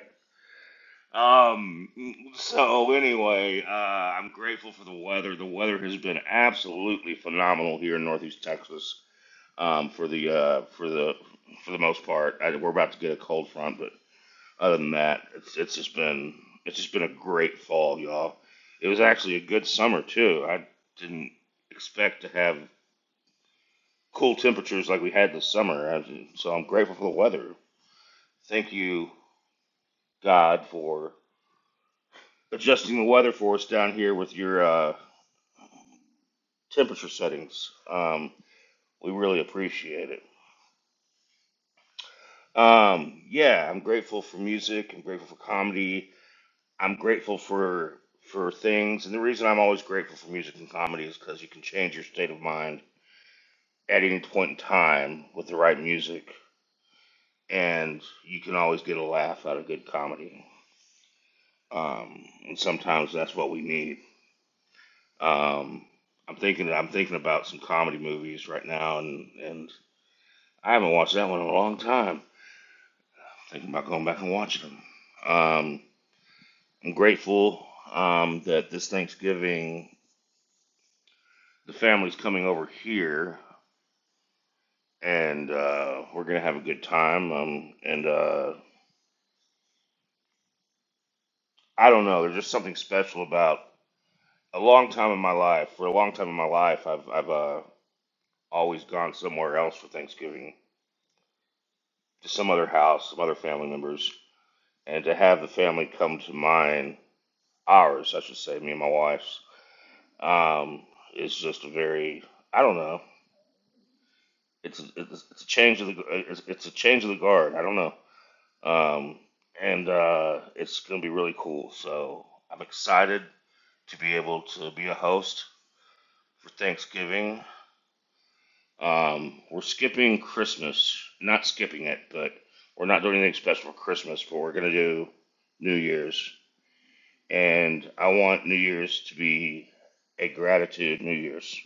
L: Um, so anyway, uh, I'm grateful for the weather. The weather has been absolutely phenomenal here in Northeast Texas. Um, for the uh, for the for the most part, I, we're about to get a cold front, but other than that, it's it's just been it's just been a great fall, y'all. It was actually a good summer too. I didn't expect to have cool temperatures like we had this summer, I, so I'm grateful for the weather. Thank you, God, for adjusting the weather for us down here with your uh, temperature settings. Um, we really appreciate it. Um, yeah, I'm grateful for music. I'm grateful for comedy. I'm grateful for for things. And the reason I'm always grateful for music and comedy is because you can change your state of mind at any point in time with the right music, and you can always get a laugh out of good comedy. Um, and sometimes that's what we need. Um, I'm thinking I'm thinking about some comedy movies right now, and and I haven't watched that one in a long time. Thinking about going back and watching them. Um, I'm grateful um, that this Thanksgiving the family's coming over here, and uh, we're gonna have a good time. Um, and uh, I don't know, there's just something special about a long time in my life. For a long time in my life, I've I've uh, always gone somewhere else for Thanksgiving to some other house, some other family members, and to have the family come to mine, ours, I should say, me and my wife's, um, is just a very I don't know. It's it's, it's a change of the it's, it's a change of the guard. I don't know, um, and uh, it's gonna be really cool. So I'm excited to be able to be a host for Thanksgiving. Um, we're skipping Christmas, not skipping it, but we're not doing anything special for Christmas. But we're gonna do New Year's, and I want New Year's to be a gratitude New Year's,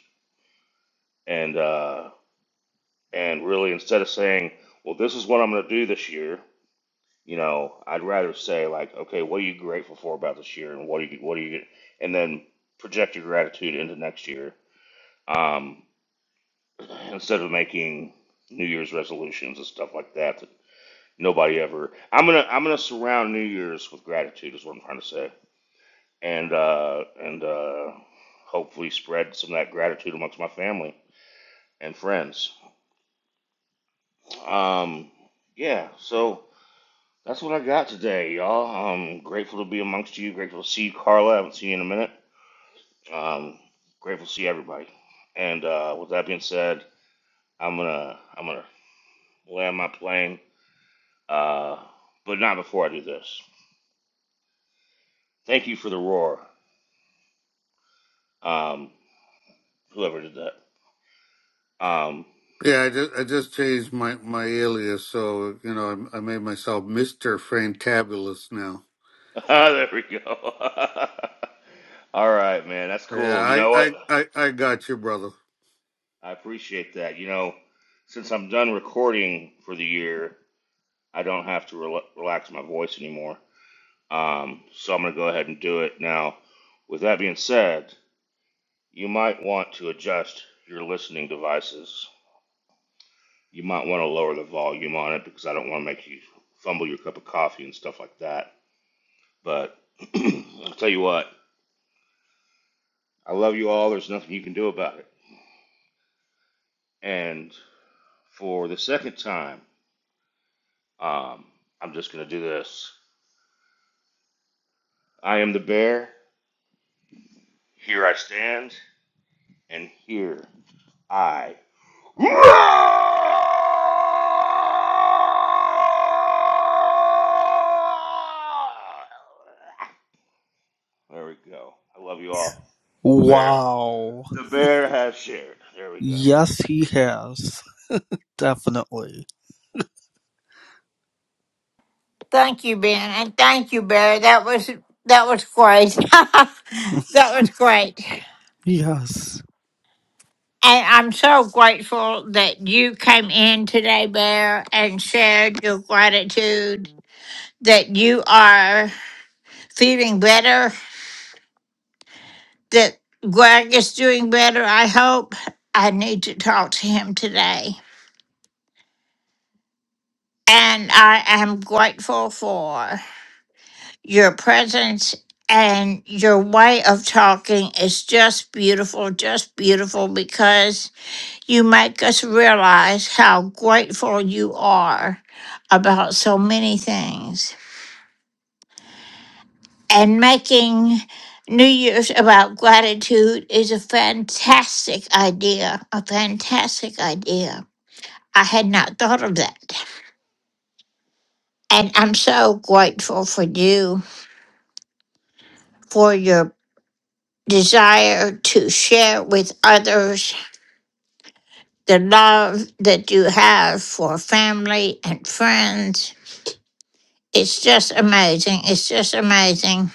L: and uh, and really instead of saying, well, this is what I'm gonna do this year You know, I'd rather say like, okay, what are you grateful for about this year, and what are you what are you, and then project your gratitude into next year, um, (clears throat) instead of making New Year's resolutions and stuff like that that nobody ever. I'm gonna I'm gonna surround New Year's with gratitude is what I'm trying to say, and uh, and uh, hopefully spread some of that gratitude amongst my family and friends. Um, yeah, so. That's what I got today, y'all. I'm grateful to be amongst you. Grateful to see you, Carla. I haven't seen you in a minute. Um, grateful to see everybody. And uh, with that being said, I'm gonna I'm gonna land my plane, uh, but not before I do this. Thank you for the roar, um, whoever did that. Um,
J: Yeah, I just I just changed my my alias, so you know I, I made myself Mister Fantabulous now.
L: (laughs) there we go. (laughs) All right, man. That's
J: Yeah,
L: cool. You
J: I,
L: know what?
J: I I I got you, brother.
L: I appreciate that. You know, since I'm done recording for the year, I don't have to rela relax my voice anymore. Um, so I'm going to go ahead and do it. Now, with that being said, you might want to adjust your listening devices. You might want to lower the volume on it because I don't want to make you fumble your cup of coffee and stuff like that. But (clears throat) I'll tell you what, I love you all. There's nothing you can do about it. And for the second time, um, I'm just going to do this. I am the bear. Here I stand. And here I There we go. I love you all. The bear,
H: Wow.
L: the bear has shared. There we go.
H: Yes, he has. Definitely.
A: Thank you, Ben, and thank you, Barry. That was that was great. (laughs) that was great.
H: Yes.
A: And I'm so grateful that you came in today, Bear, and shared your gratitude that you are feeling better, that Greg is doing better, I hope. I need to talk to him today. And I am grateful for your presence and your way of talking is just beautiful, just beautiful because you make us realize how grateful you are about so many things. And making New Year's about gratitude is a fantastic idea, a fantastic idea. I had not thought of that. And I'm so grateful for you, for your desire to share with others the love that you have for family and friends. It's just amazing. It's just amazing.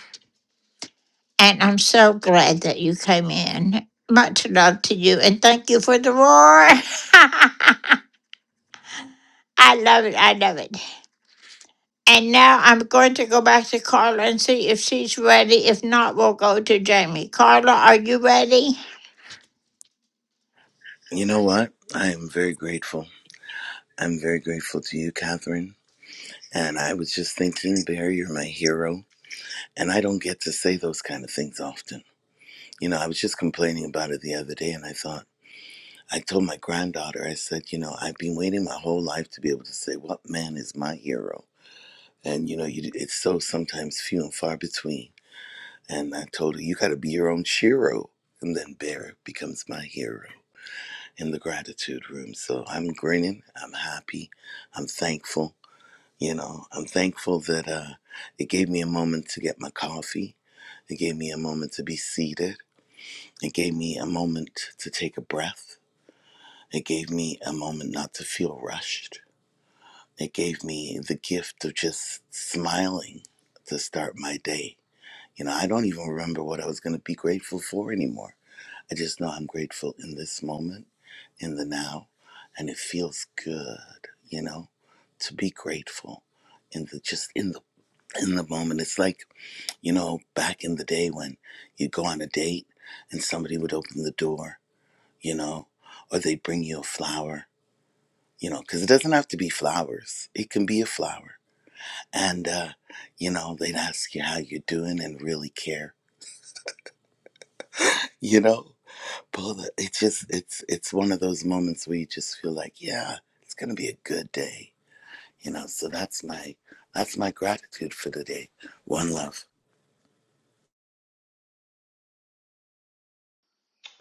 A: And I'm so glad that you came in. Much love to you and thank you for the roar. (laughs) I love it. I love it. And now I'm going to go back to Carla and see if she's ready. If not, we'll go to Jamie. Carla, are you ready?
K: You know what? I am very grateful. I'm very grateful to you, Catherine. And I was just thinking, Bear, you're my hero. And I don't get to say those kind of things often. You know, I was just complaining about it the other day and I thought, I told my granddaughter, I said, you know, I've been waiting my whole life to be able to say, what man is my hero? And, you know, you, it's so sometimes few and far between. And I told her, you got to be your own shiro. And then Bear becomes my hero in the gratitude room. So I'm grinning. I'm happy. I'm thankful. You know, I'm thankful that uh, it gave me a moment to get my coffee. It gave me a moment to be seated. It gave me a moment to take a breath It gave me a moment not to feel rushed. It gave me the gift of just smiling to start my day. You know, I don't even remember what I was going to be grateful for anymore. I just know I'm grateful in this moment, in the now, and it feels good, you know, to be grateful in the just in the in the moment. It's like, you know, back in the day when you'd go on a date and somebody would open the door, you know, or they'd bring you a flower you know, because it doesn't have to be flowers. It can be a flower. And, uh, you know, they'd ask you how you're doing and really care, you know. But it's just, it's, it's one of those moments where you just feel like, yeah, it's going to be a good day, you know. So that's my, that's my gratitude for the day. One love.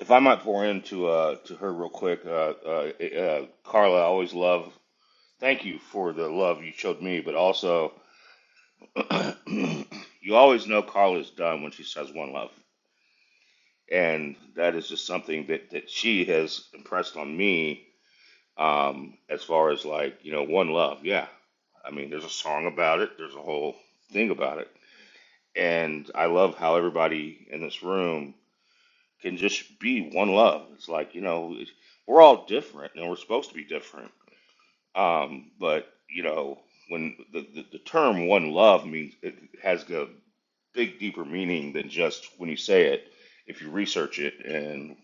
L: If I might pour into uh to her real quick, uh, uh, uh Carla, I always love. Thank you for the love you showed me, but also (clears throat) you always know Carla's done when she says one love, and that is just something that that she has impressed on me Um, as far as like, you know, One Love, yeah. I mean, there's a song about it, there's a whole thing about it. And I love how everybody in this room can just be one love. It's like, you know, it- we're all different and we're supposed to be different. Um, but, you know, when the, the, the term one love means it has a big, deeper meaning than just when you say it, if you research it. And,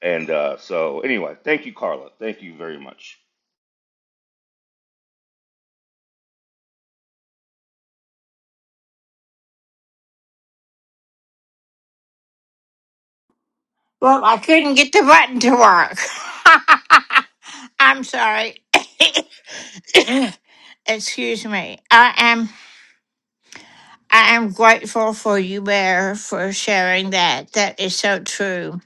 L: and uh, so, anyway, thank you, Carla. Thank you very much.
A: Well, I couldn't get the button to work. (laughs) I'm sorry. (coughs) (coughs) Excuse me. I am I am grateful for you, Bear, for sharing that. That is so true.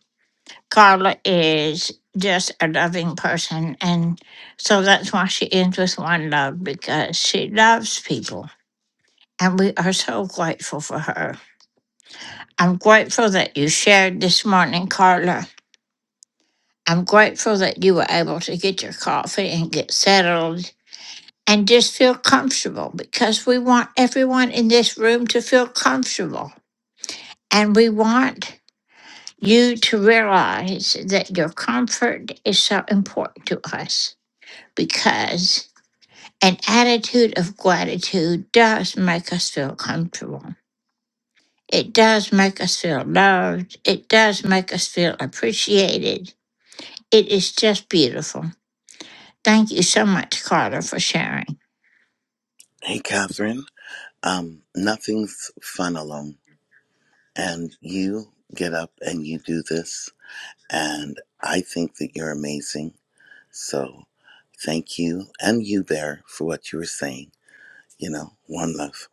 A: Carla is just a loving person, and so that's why she ends with one love because she loves people, and we are so grateful for her. I'm grateful that you shared this morning, Carla. I'm grateful that you were able to get your coffee and get settled and just feel comfortable because we want everyone in this room to feel comfortable. And we want you to realize that your comfort is so important to us because an attitude of gratitude does make us feel comfortable. It does make us feel loved. It does make us feel appreciated. It is just beautiful. Thank you so much, Carter, for sharing.
K: Hey, Catherine, um, nothing's fun alone. And you get up and you do this. And I think that you're amazing So thank you and you, Bear, for what you were saying. You know, one love.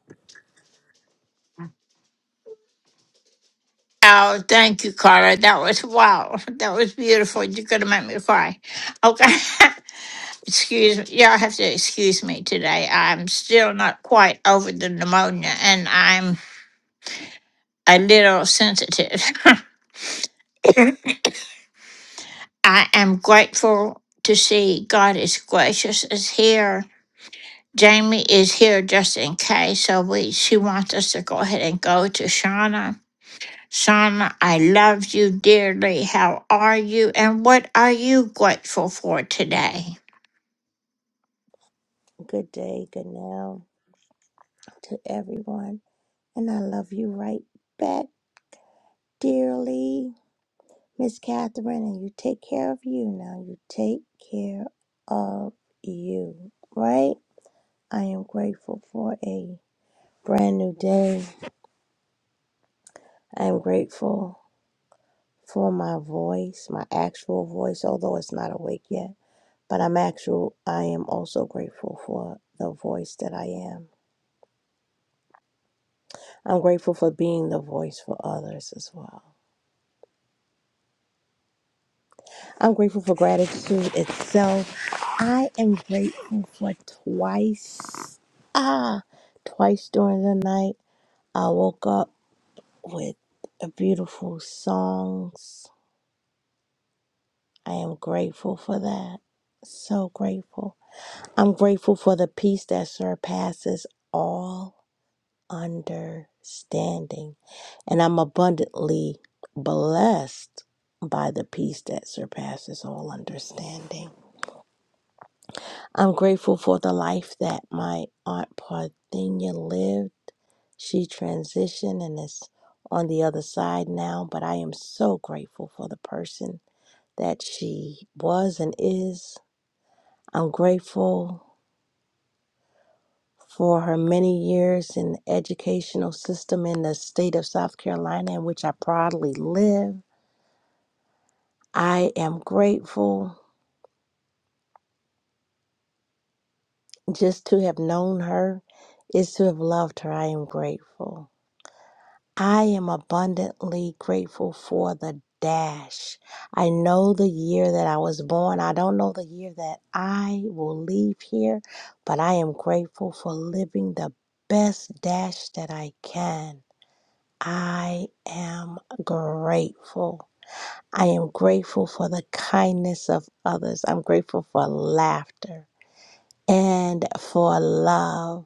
A: Oh, thank you, Carla. That was wow. (laughs) That was beautiful. You're gonna make me cry. Okay. (laughs) excuse me. Y'all have to excuse me today. I'm still not quite over the pneumonia and I'm a little sensitive. (laughs) I am grateful to see God is gracious is here. Jamie is here just in case, so we she wants us to go ahead and go to Shauna. Shauna, I love you dearly. How are you? And what are you grateful for today?
M: Good day, good now to everyone. And I love you right back dearly, Miss Catherine. And you take care of you now. You take care of you, right? I am grateful for a brand new day. I am grateful for my voice, my actual voice, although it's not awake yet. But I'm actual, I am also grateful for the voice that I am. I'm grateful for being the voice for others as well. I'm grateful for gratitude itself. I am grateful for twice. Ah, twice during the night, I woke up with a beautiful songs. I am grateful for that. So grateful. I'm grateful for the peace that surpasses all understanding. And I'm abundantly blessed by the peace that surpasses all understanding. I'm grateful for the life that my Aunt Parthenia lived. She transitioned and is on the other side now, but I am so grateful for the person that she was and is. I'm grateful for her many years in the educational system in the state of South Carolina, in which I proudly live. I am grateful just to have known her, is to have loved her. I am grateful. I am abundantly grateful for the dash. I know the year that I was born. I don't know the year that I will leave here, but I am grateful for living the best dash that I can. I am grateful. I am grateful for the kindness of others. I'm grateful for laughter and for love.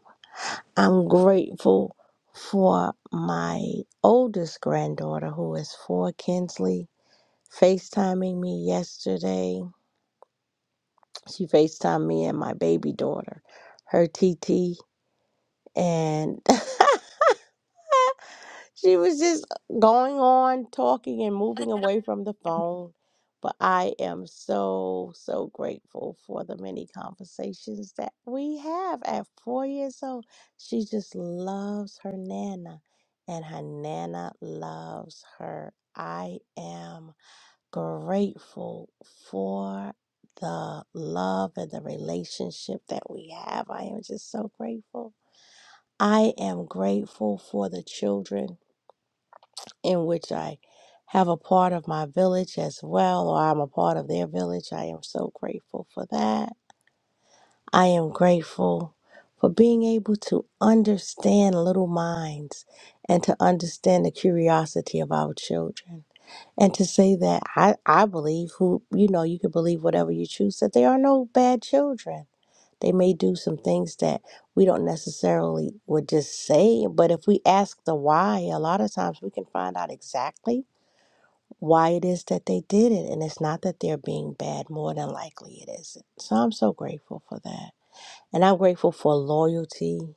M: I'm grateful for my oldest granddaughter who is four, Kinsley, FaceTiming me yesterday. She FaceTimed me and my baby daughter, her TT. And (laughs) She was just going on talking and moving away from the phone. But I am so, so grateful for the many conversations that we have at four years old. She just loves her Nana, and her Nana loves her. I am grateful for the love and the relationship that we have. I am just so grateful. I am grateful for the children in which I have a part of my village as well, or I'm a part of their village. I am so grateful for that. I am grateful for being able to understand little minds and to understand the curiosity of our children. And to say that I, I believe who you know, you can believe whatever you choose, that there are no bad children. They may do some things that we don't necessarily would just say, but if we ask the why, a lot of times we can find out exactly why it is that they did it. And it's not that they're being bad, more than likely it isn't. So I'm so grateful for that. And I'm grateful for loyalty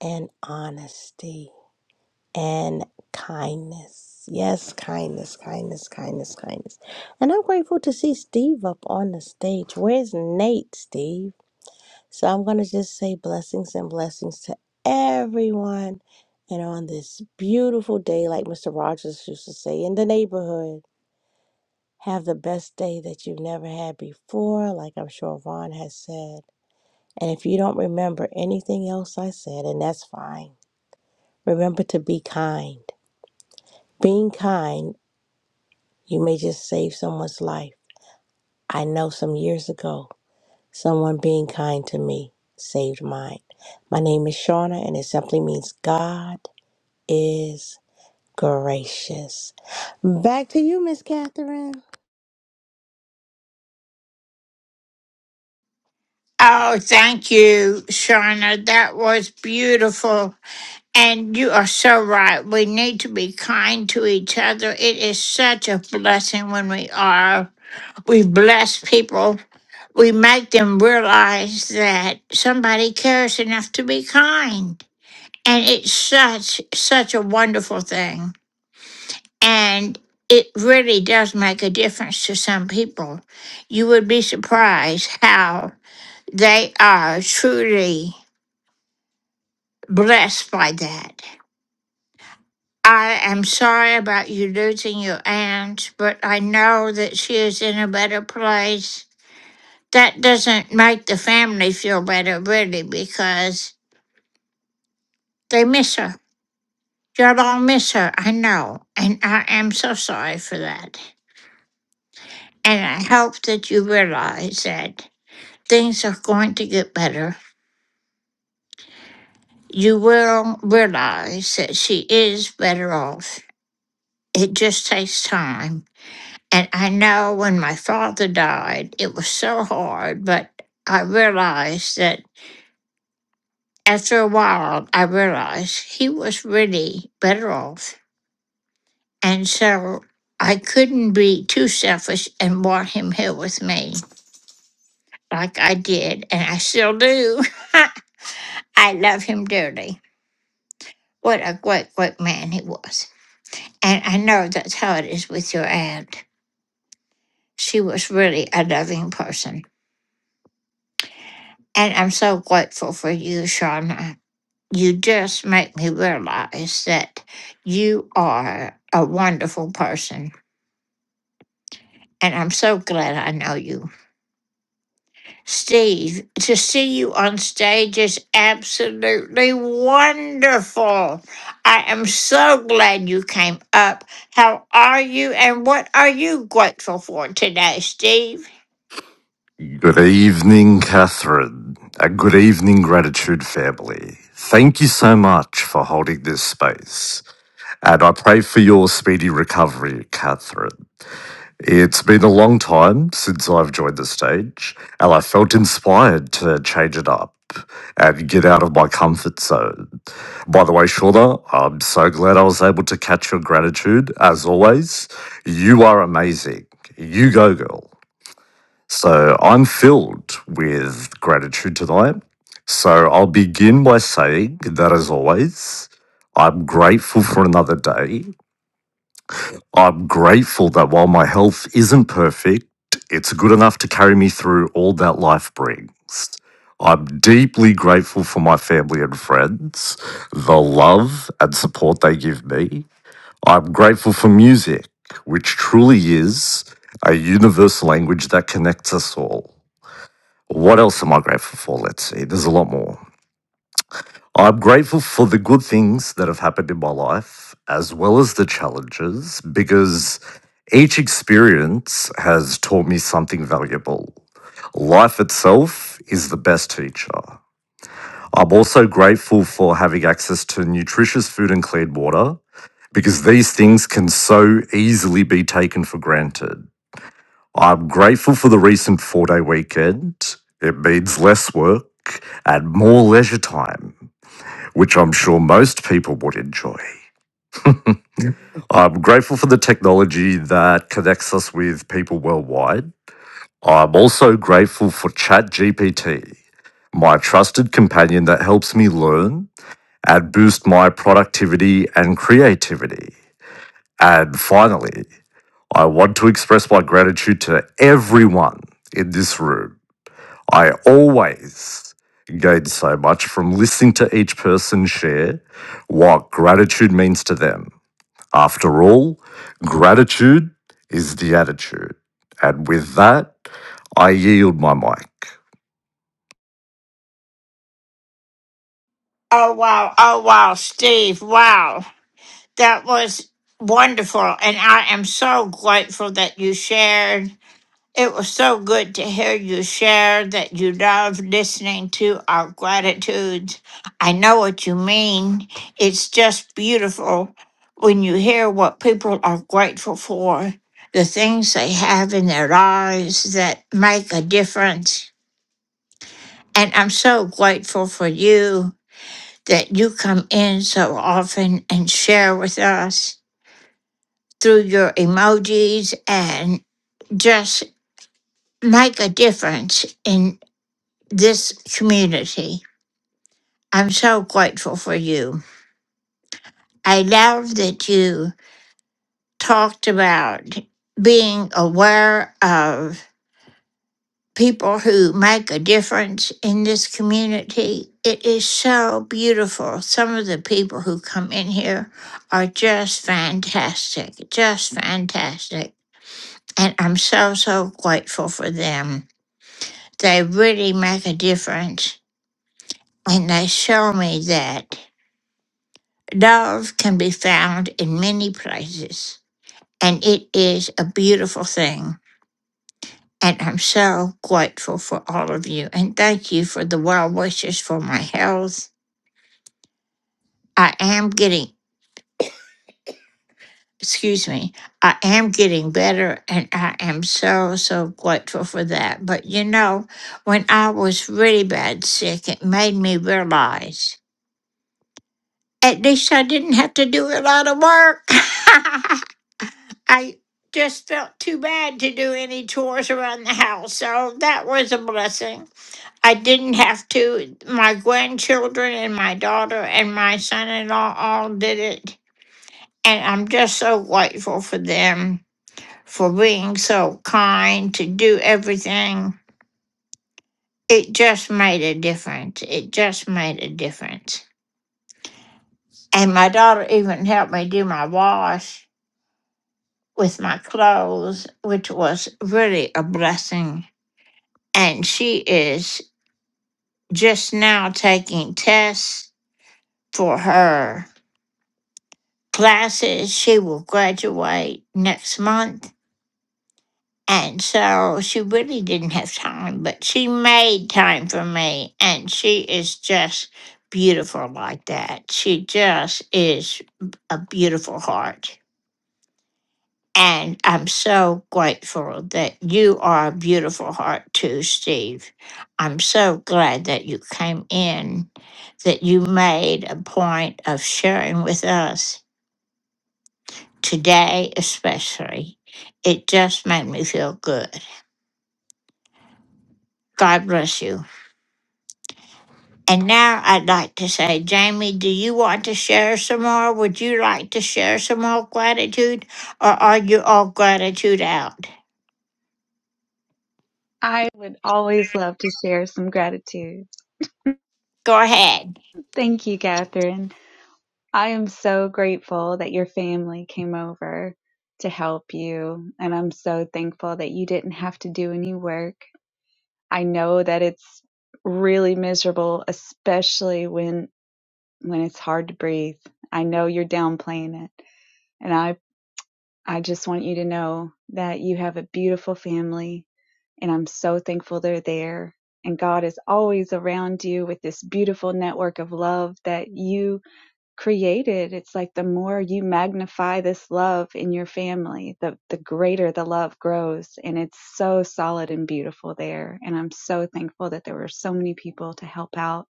M: and honesty and kindness. Yes, kindness, kindness, kindness, kindness. And I'm grateful to see Steve up on the stage. Where's Nate, Steve? So I'm going to just say blessings and blessings to everyone. And on this beautiful day, like Mr. Rogers used to say, in the neighborhood. Have the best day that you've never had before, like I'm sure Ron has said. And if you don't remember anything else I said, and that's fine, remember to be kind. Being kind, you may just save someone's life. I know some years ago, someone being kind to me saved mine. My name is Shauna, and it simply means God is gracious. Back to you, Miss Catherine.
A: Oh, thank you, Shauna. That was beautiful. And you are so right. We need to be kind to each other. It is such a blessing when we are. We bless people. We make them realize that somebody cares enough to be kind. And it's such, such a wonderful thing. And it really does make a difference to some people. You would be surprised how they are truly blessed by that. I am sorry about you losing your aunt, but I know that she is in a better place. That doesn't make the family feel better, really, because they miss her. Y'all all miss her, I know. And I am so sorry for that. And I hope that you realize that things are going to get better. You will realize that she is better off. It just takes time. And I know when my father died, it was so hard, but I realized that after a while, I realized he was really better off. And so I couldn't be too selfish and want him here with me like I did, and I still do. (laughs) I love him dearly. What a great, great man he was. And I know that's how it is with your aunt. She was really a loving person. And I'm so grateful for you, Shauna. You just make me realize that you are a wonderful person. And I'm so glad I know you. Steve, to see you on stage is absolutely wonderful. I am so glad you came up. How are you and what are you grateful for today, Steve?
N: Good evening, Catherine. A good evening, gratitude family. Thank you so much for holding this space. And I pray for your speedy recovery, Catherine. It's been a long time since I've joined the stage, and I felt inspired to change it up and get out of my comfort zone. By the way, Shauna, I'm so glad I was able to catch your gratitude. As always, you are amazing. You go, girl. So I'm filled with gratitude tonight. So I'll begin by saying that, as always, I'm grateful for another day. I'm grateful that while my health isn't perfect, it's good enough to carry me through all that life brings. I'm deeply grateful for my family and friends, the love and support they give me. I'm grateful for music, which truly is a universal language that connects us all. What else am I grateful for? Let's see. There's a lot more. I'm grateful for the good things that have happened in my life, as well as the challenges, because each experience has taught me something valuable. Life itself is the best teacher. I'm also grateful for having access to nutritious food and clean water, because these things can so easily be taken for granted. I'm grateful for the recent four day weekend. It means less work and more leisure time, which I'm sure most people would enjoy. I'm grateful for the technology that connects us with people worldwide. I'm also grateful for ChatGPT, my trusted companion that helps me learn and boost my productivity and creativity. And finally, I want to express my gratitude to everyone in this room I always gain so much from listening to each person share what gratitude means to them. After all, gratitude is the attitude. And with that, I yield my mic.
A: Oh, wow. Oh, wow. Steve, wow. That was wonderful. And I am so grateful that you shared. It was so good to hear you share that you love listening to our gratitudes. I know what you mean. It's just beautiful when you hear what people are grateful for, the things they have in their lives that make a difference. And I'm so grateful for you that you come in so often and share with us through your emojis and just make a difference in this community. I'm so grateful for you. I love that you talked about being aware of people who make a difference in this community. It is so beautiful. Some of the people who come in here are just fantastic, just fantastic. And I'm so, so grateful for them. They really make a difference. And they show me that love can be found in many places. And it is a beautiful thing. And I'm so grateful for all of you. And thank you for the well wishes for my health. I am getting, excuse me, I am getting better. And I am so, so grateful for that. But you know, when I was really bad sick, it made me realize at least I didn't have to do a lot of work. (laughs) I just felt too bad to do any chores around the house. So that was a blessing. I didn't have to. My grandchildren and my daughter and my son in law all did it. And I'm just so grateful for them for being so kind to do everything. It just made a difference. It just made a difference. And my daughter even helped me do my wash with my clothes, which was really a blessing. And she is just now taking tests for her classes. She will graduate next month. And so she really didn't have time, but she made time for me. And she is just beautiful like that. She just is a beautiful heart. And I'm so grateful that you are a beautiful heart too, Steve. I'm so glad that you came in, that you made a point of sharing with us today especially. It just made me feel good. God bless you. And now I'd like to say, Jamie, do you want to share some more? Would you like to share some more gratitude? Or are you all gratitude out?
G: I would always love to share some gratitude.
A: Go ahead.
G: Thank you, Catherine. I am so grateful that your family came over to help you. And I'm so thankful that you didn't have to do any work. I know that it's really miserable, especially when when it's hard to breathe. I know you're downplaying it. And I, I just want you to know that you have a beautiful family and I'm so thankful they're there. And God is always around you with this beautiful network of love that you created it's like the more you magnify this love in your family the the greater the love grows and it's so solid and beautiful there and i'm so thankful that there were so many people to help out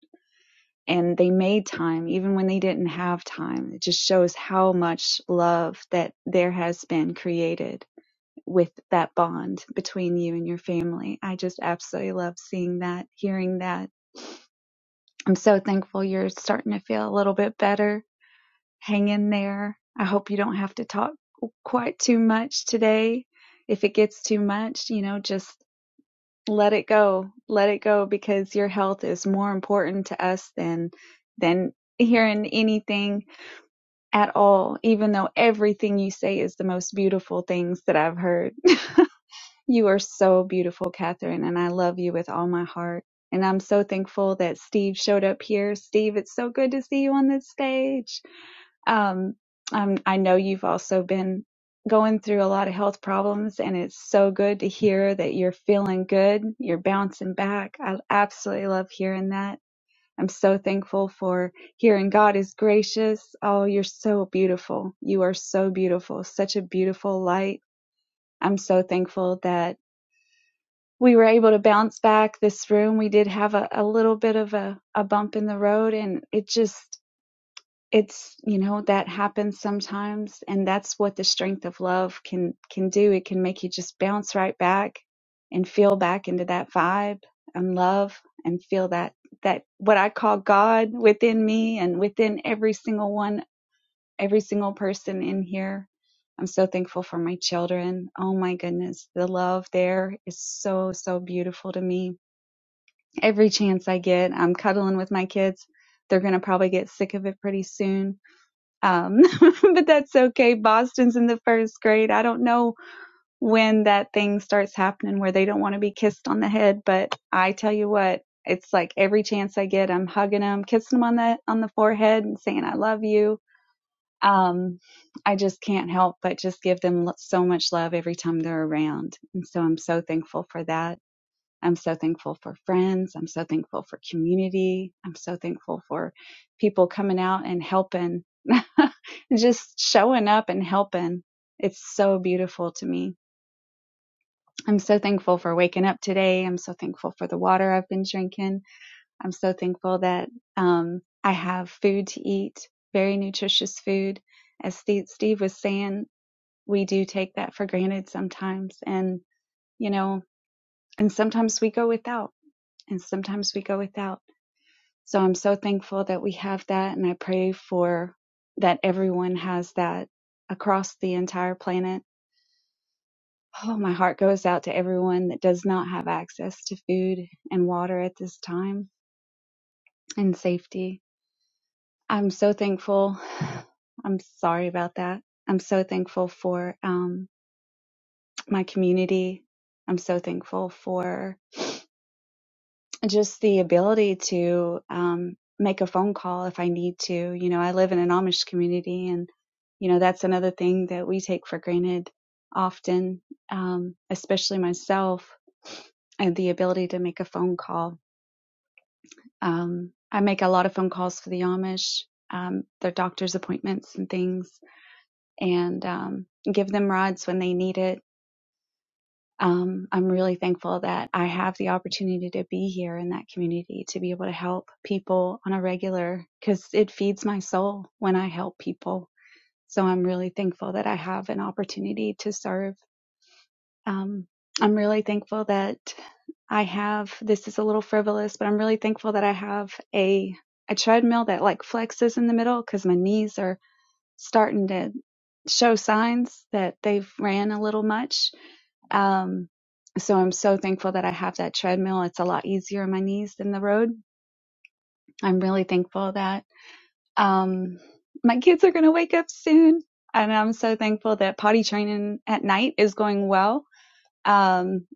G: and they made time even when they didn't have time it just shows how much love that there has been created with that bond between you and your family i just absolutely love seeing that hearing that i'm so thankful you're starting to feel a little bit better hang in there. I hope you don't have to talk quite too much today. If it gets too much, you know, just let it go. Let it go because your health is more important to us than than hearing anything at all, even though everything you say is the most beautiful things that I've heard. You are so beautiful, Catherine, and I love you with all my heart. And I'm so thankful that Steve showed up here. Steve, it's so good to see you on this stage. Um, um, I know you've also been going through a lot of health problems, and it's so good to hear that you're feeling good. You're bouncing back. I absolutely love hearing that. I'm so thankful for hearing God is gracious. Oh, you're so beautiful. You are so beautiful, such a beautiful light. I'm so thankful that we were able to bounce back this room we did have a, a little bit of a, a bump in the road and it just it's you know that happens sometimes and that's what the strength of love can can do it can make you just bounce right back and feel back into that vibe and love and feel that that what i call god within me and within every single one every single person in here. I'm so thankful for my children. Oh my goodness, the love there is so, so beautiful to me. Every chance I get, I'm cuddling with my kids. They're going to probably get sick of it pretty soon. Um, (laughs) but that's okay. Boston's in the first grade. I don't know when that thing starts happening where they don't want to be kissed on the head, but I tell you what, it's like every chance I get, I'm hugging them, kissing them on the, on the forehead and saying, I love you um, I just can't help but just give them so much love every time they're around. And so I'm so thankful for that. I'm so thankful for friends. I'm so thankful for community. I'm so thankful for people coming out and helping, (laughs) just showing up and helping. It's so beautiful to me. I'm so thankful for waking up today. I'm so thankful for the water I've been drinking. I'm so thankful that um, I have food to eat, very nutritious food. As Steve, Steve was saying, we do take that for granted sometimes. And, you know, and sometimes we go without, and sometimes we go without. So I'm so thankful that we have that. And I pray for that everyone has that across the entire planet. Oh, my heart goes out to everyone that does not have access to food and water at this time and safety. I'm so thankful. (sighs) I'm sorry about that. I'm so thankful for um, my community. I'm so thankful for just the ability to um, make a phone call if I need to. You know, I live in an Amish community, and, you know, that's another thing that we take for granted often, um, especially myself, and the ability to make a phone call. Um, I make a lot of phone calls for the Amish, um, their doctor's appointments and things and um, give them rods when they need it. Um, I'm really thankful that I have the opportunity to be here in that community to be able to help people on a regular because it feeds my soul when I help people. So I'm really thankful that I have an opportunity to serve. Um, I'm really thankful that I have this is a little frivolous, but I'm really thankful that I have a a treadmill that like flexes in the middle because my knees are starting to show signs that they've ran a little much. Um, so I'm so thankful that I have that treadmill. It's a lot easier on my knees than the road. I'm really thankful that um, my kids are going to wake up soon. And I'm so thankful that potty training at night is going well. Um,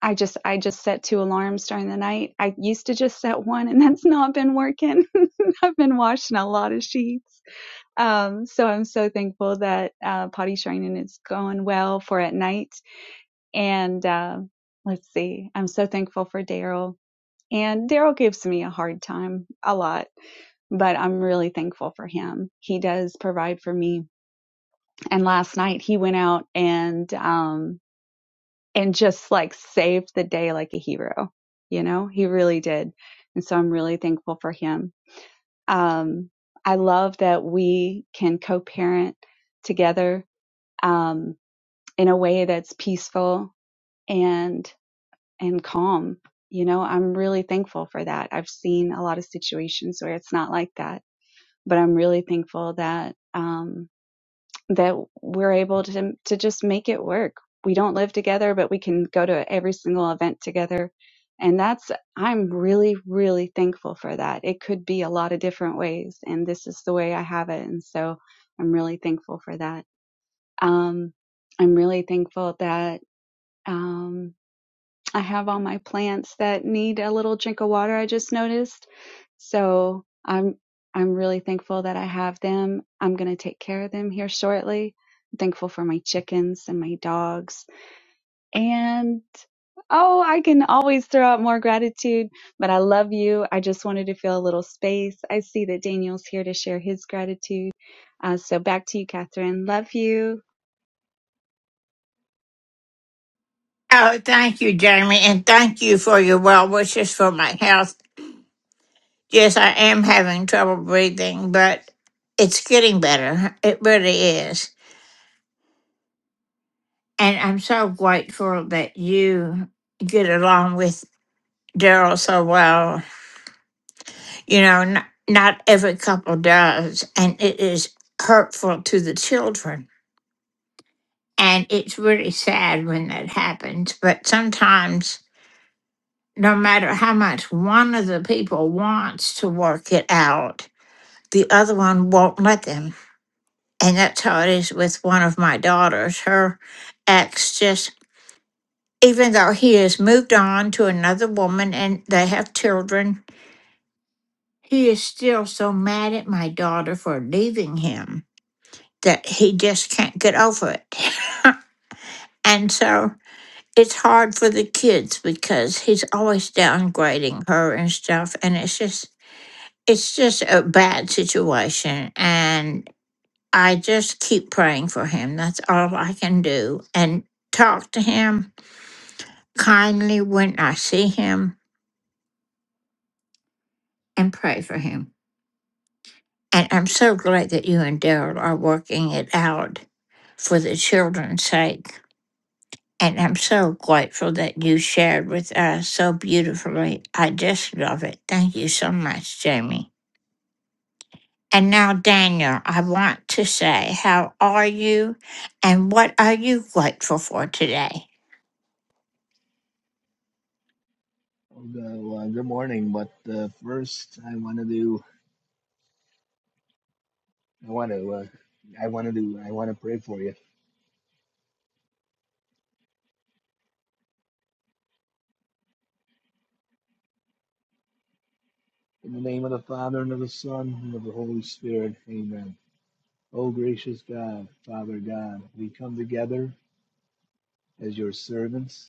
G: I just I just set two alarms during the night. I used to just set one, and that's not been working. (laughs) I've been washing a lot of sheets um, so I'm so thankful that uh, potty training is going well for at night. And uh, let's see, I'm so thankful for Daryl. And Daryl gives me a hard time a lot, but I'm really thankful for him. He does provide for me. And last night he went out and um, and just like saved the day like a hero. You know, he really did. And so I'm really thankful for him. Um, I love that we can co-parent together um, in a way that's peaceful and and calm. You know, I'm really thankful for that. I've seen a lot of situations where it's not like that, but I'm really thankful that um, that we're able to to just make it work. We don't live together, but we can go to every single event together. And that's, I'm really, really thankful for that. It could be a lot of different ways, and this is the way I have it. And so I'm really thankful for that. Um, I'm really thankful that um, I have all my plants that need a little drink of water. I just noticed, so I'm I'm really thankful that I have them. I'm gonna take care of them here shortly. I'm thankful for my chickens and my dogs. And oh, I can always throw out more gratitude, but I love you. I just wanted to feel a little space. I see that Daniel's here to share his gratitude. Uh, so back to you, Catherine. Love you.
A: Oh, thank you, Jamie, and thank you for your well wishes for my health. Yes, I am having trouble breathing, but it's getting better. It really is. And I'm so grateful that you get along with Daryl so well. You know, not, not every couple does, and it is hurtful to the children. And it's really sad when that happens. But sometimes, no matter how much one of the people wants to work it out, the other one won't let them. And that's how it is with one of my daughters. Her ex just, even though he has moved on to another woman and they have children, He is still so mad at my daughter for leaving him that he just can't get over it. (laughs) and so it's hard for the kids because he's always downgrading her and stuff and it's just it's just a bad situation and I just keep praying for him. That's all I can do and talk to him kindly when I see him and pray for him. And I'm so glad that you and Daryl are working it out for the children's sake. And I'm so grateful that you shared with us so beautifully. I just love it. Thank you so much, Jamie. And now, Daniel, I want to say, how are you and what are you grateful for today?
O: Well, uh, good morning. But uh, first, I want to do. I want to. Uh, I want to do. I want to pray for you in the name of the Father and of the Son and of the Holy Spirit. Amen. Oh, gracious God, Father God, we come together as your servants,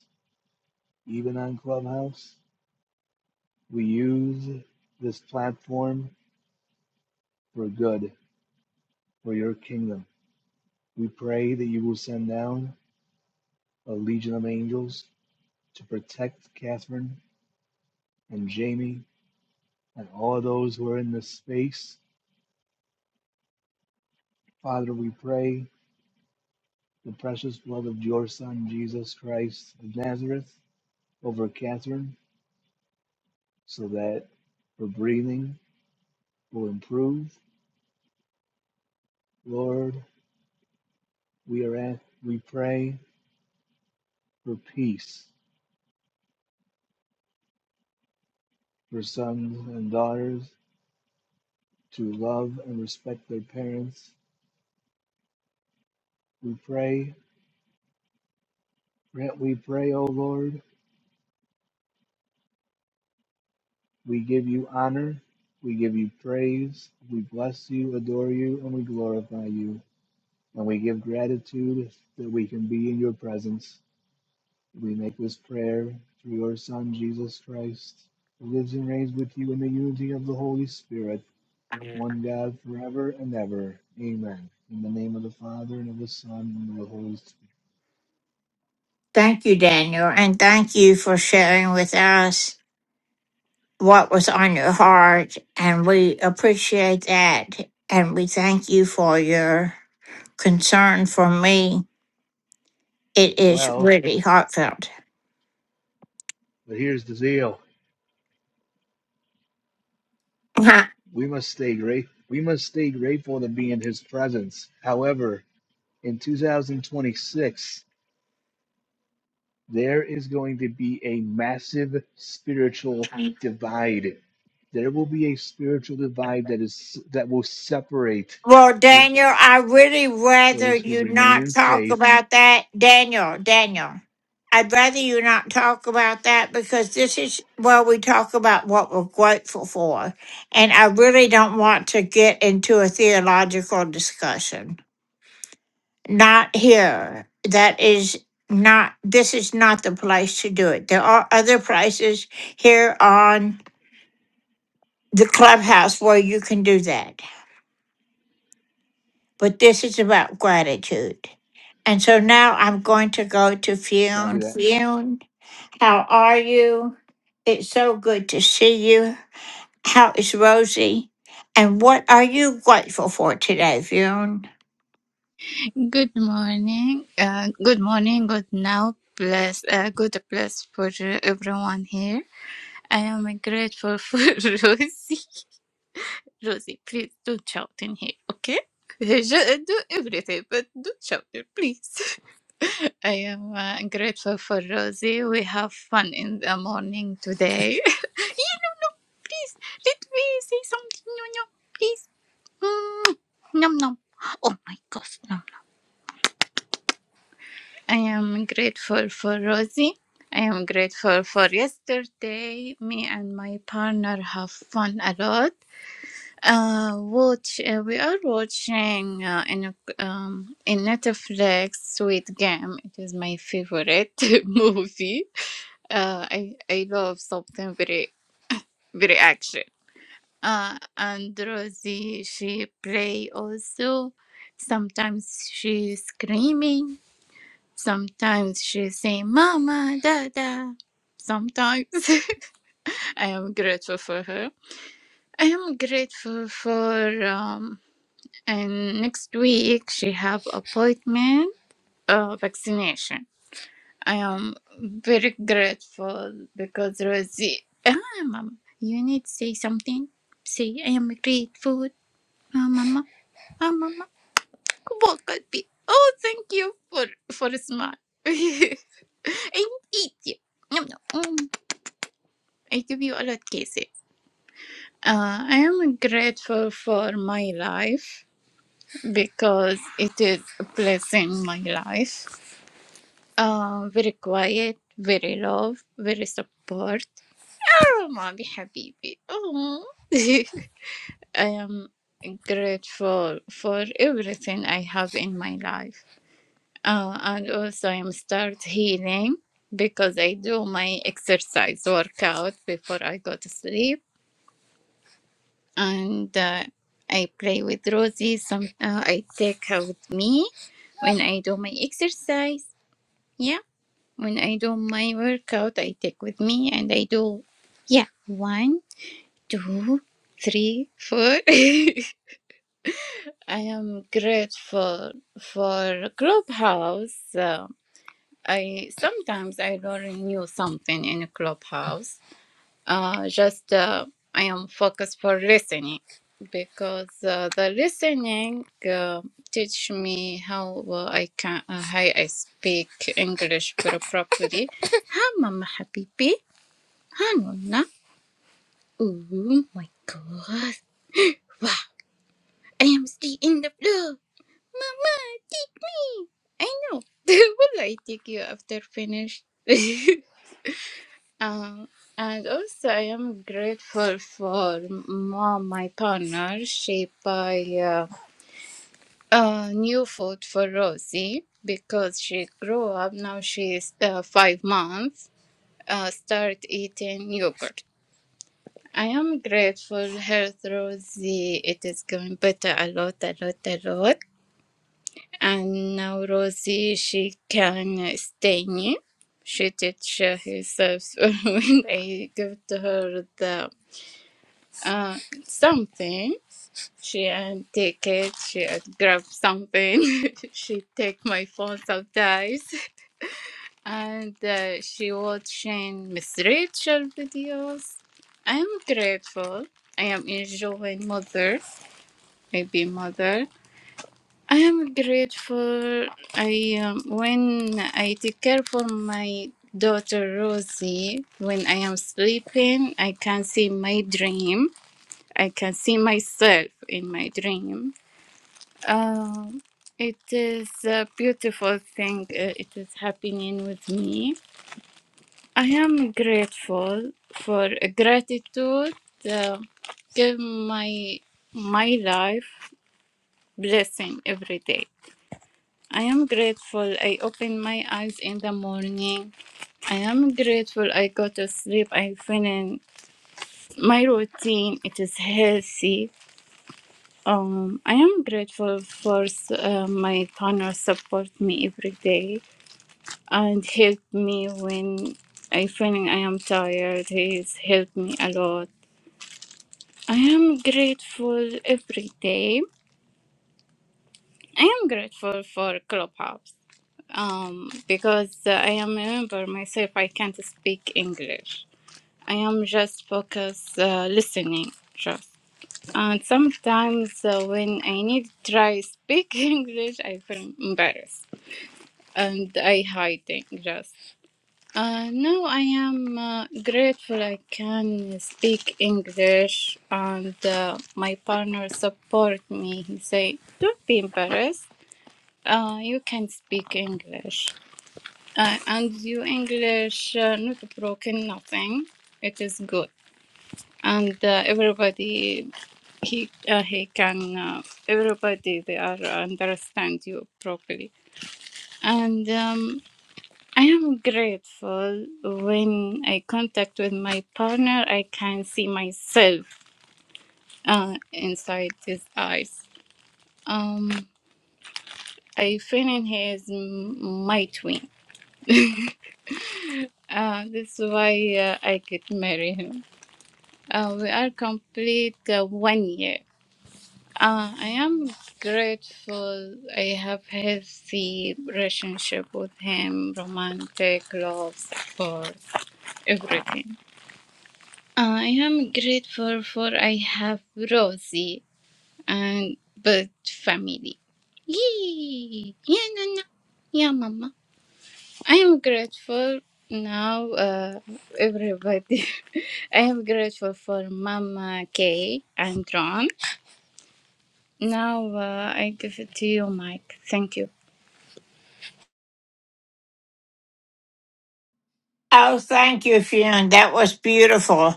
O: even on Clubhouse. We use this platform for good, for your kingdom. We pray that you will send down a legion of angels to protect Catherine and Jamie and all those who are in this space. Father, we pray the precious blood of your Son, Jesus Christ of Nazareth, over Catherine, so that her breathing will improve. Lord, we are at, we pray for peace for sons and daughters to love and respect their parents. We pray, we pray, O Lord, we give you honor, we give you praise, we bless you, adore you, and we glorify you. And we give gratitude that we can be in your presence. We make this prayer through your Son, Jesus Christ, who lives and reigns with you in the unity of the Holy Spirit, one God forever and ever. Amen. In the name of the Father, and of the Son, and of the Holy Spirit.
A: Thank you, Daniel, and thank you for sharing with us. what was on your heart, and we appreciate that. And we thank you for your concern for me. It is
O: Well,
A: really heartfelt.
O: but here's the deal.
A: (laughs) Huh.
O: We must stay great. We must stay grateful to be in his presence. However, in 2026, there is going to be a massive spiritual divide. There will be a spiritual divide that is that will separate
A: well,
O: th-
A: Daniel, I really rather
O: those who
A: you
O: remain
A: not
O: in
A: talk
O: faith.
A: about that. Daniel, Daniel, I'd rather you not talk about that because this is where we talk about what we're grateful for. And I really don't want to get into a theological discussion. not here. That is not, this is not the place to do it. There are other places here on the clubhouse where you can do that. But this is about gratitude. And so now I'm going to go to
O: copy
A: Fionn.
O: that.
A: Fionn, how are you? It's so good to see you. How is Rosie? And what are you grateful for today, Fionn?
P: Good morning, uh, good morning, good now, bless, uh, good bless for uh, everyone here. I am grateful for (laughs) Rosie. Rosie, please don't shout in here, okay? Just do everything, but don't shout it, please. (laughs) I am uh, grateful for Rosie. We have fun in the morning today. (laughs) Let me say something, no, no, please. Mm, nom nom. Oh my gosh, nom. I am grateful for Rosie. I am grateful for yesterday. Me and my partner have fun a lot. Uh, watch uh, we are watching uh, in a, um, in Netflix Sweet Game. It is my favorite (laughs) movie. Uh, I I love something very very action. Uh, and Rosie she play also. Sometimes she screaming Sometimes she say mama dada. Sometimes (laughs) I am grateful for her. I am grateful for um and next week she have appointment uh vaccination. I am very grateful because Rosie ah mama you need to say something. Say I am grateful. Ah mama ah mama what could be oh thank you for for a smile. (laughs) I eat you. Yum, yum. Mm. I give you a lot cases. Uh, I am grateful for my life because it is a blessing my life. Uh, very quiet, very love, very support. Oh, mommy, habibi. Oh. (laughs) I am grateful for everything I have in my life. Uh, and also I'm start healing because I do my exercise workout before I go to sleep and uh, I play with Rosie. Some uh, I take her with me when I do my exercise. Yeah, when I do my workout, I take with me and I do. Yeah, one, two, three, four. (laughs) I am grateful for Clubhouse. Uh, I sometimes I learn new something in Clubhouse Uh, just uh, I am focused for listening because uh, the listening uh, teach me how uh, I can uh, how I speak English very properly. Hi, Mama Habibi. Hi, Nonna. Oh my God! Wow, I am still in the floor. Mama, take me. I know. (laughs) Will I take you after finish? (laughs) Um, and also, I am grateful for mom, my partner. She buy uh, uh, new food for Rosie because she grew up. Now she is uh, five months. Uh, start eating yogurt. I am grateful her Rosie. It is going better a lot, a lot, a lot. And now Rosie, she can stay near. She teach herself (laughs) when I give to her the Uh, something. She and take it. She had grab something. (laughs) she take my phone sometimes, (laughs) and uh, she watching Miss Rachel videos. I am grateful. I am enjoying mother, maybe mother. I am grateful. I um, when I take care for my daughter Rosie. When I am sleeping, I can see my dream I can see myself in my dream. Uh, it is a beautiful thing. uh, It is happening with me. I am grateful for gratitude. Uh, give my my life blessing every day. I am grateful. I open my eyes in the morning. I am grateful. I go to sleep. I finish my routine. It is healthy. Um, I am grateful for uh, my partner support me every day and help me when I feeling I am tired. He's helped me a lot. I am grateful every day. I am grateful for Clubhouse um, because uh, I am a member myself. I can't speak English. I am just focus uh, listening just. And sometimes uh, when I need to try speak (laughs) English, I feel embarrassed and I hiding just. Uh, no, I am uh, grateful I can speak English and uh, my partner support me. He say, don't be embarrassed. Uh, you can speak English. Uh, and your English uh, not broken, nothing. It is good. And uh, everybody, he, uh, he can, uh, everybody, they are understand you properly. And um, I am grateful when I contact with my partner, I can see myself uh, inside his eyes. Um, I feel in he is m- my twin. Uh, this is why uh, I could marry him. Uh, we are complete uh, one year. Uh, I am grateful I have healthy relationship with him, romantic, love, support, everything. I am grateful for I have Rosie and bird family. Yay! Yeah, Nana. Yeah, Yeah, Mama. I am grateful now, uh, everybody. (laughs) I am grateful for Mama Kay and Ron. Now uh, I give it to you, Mike. Thank you.
A: Oh, thank you, Fionn. That was beautiful.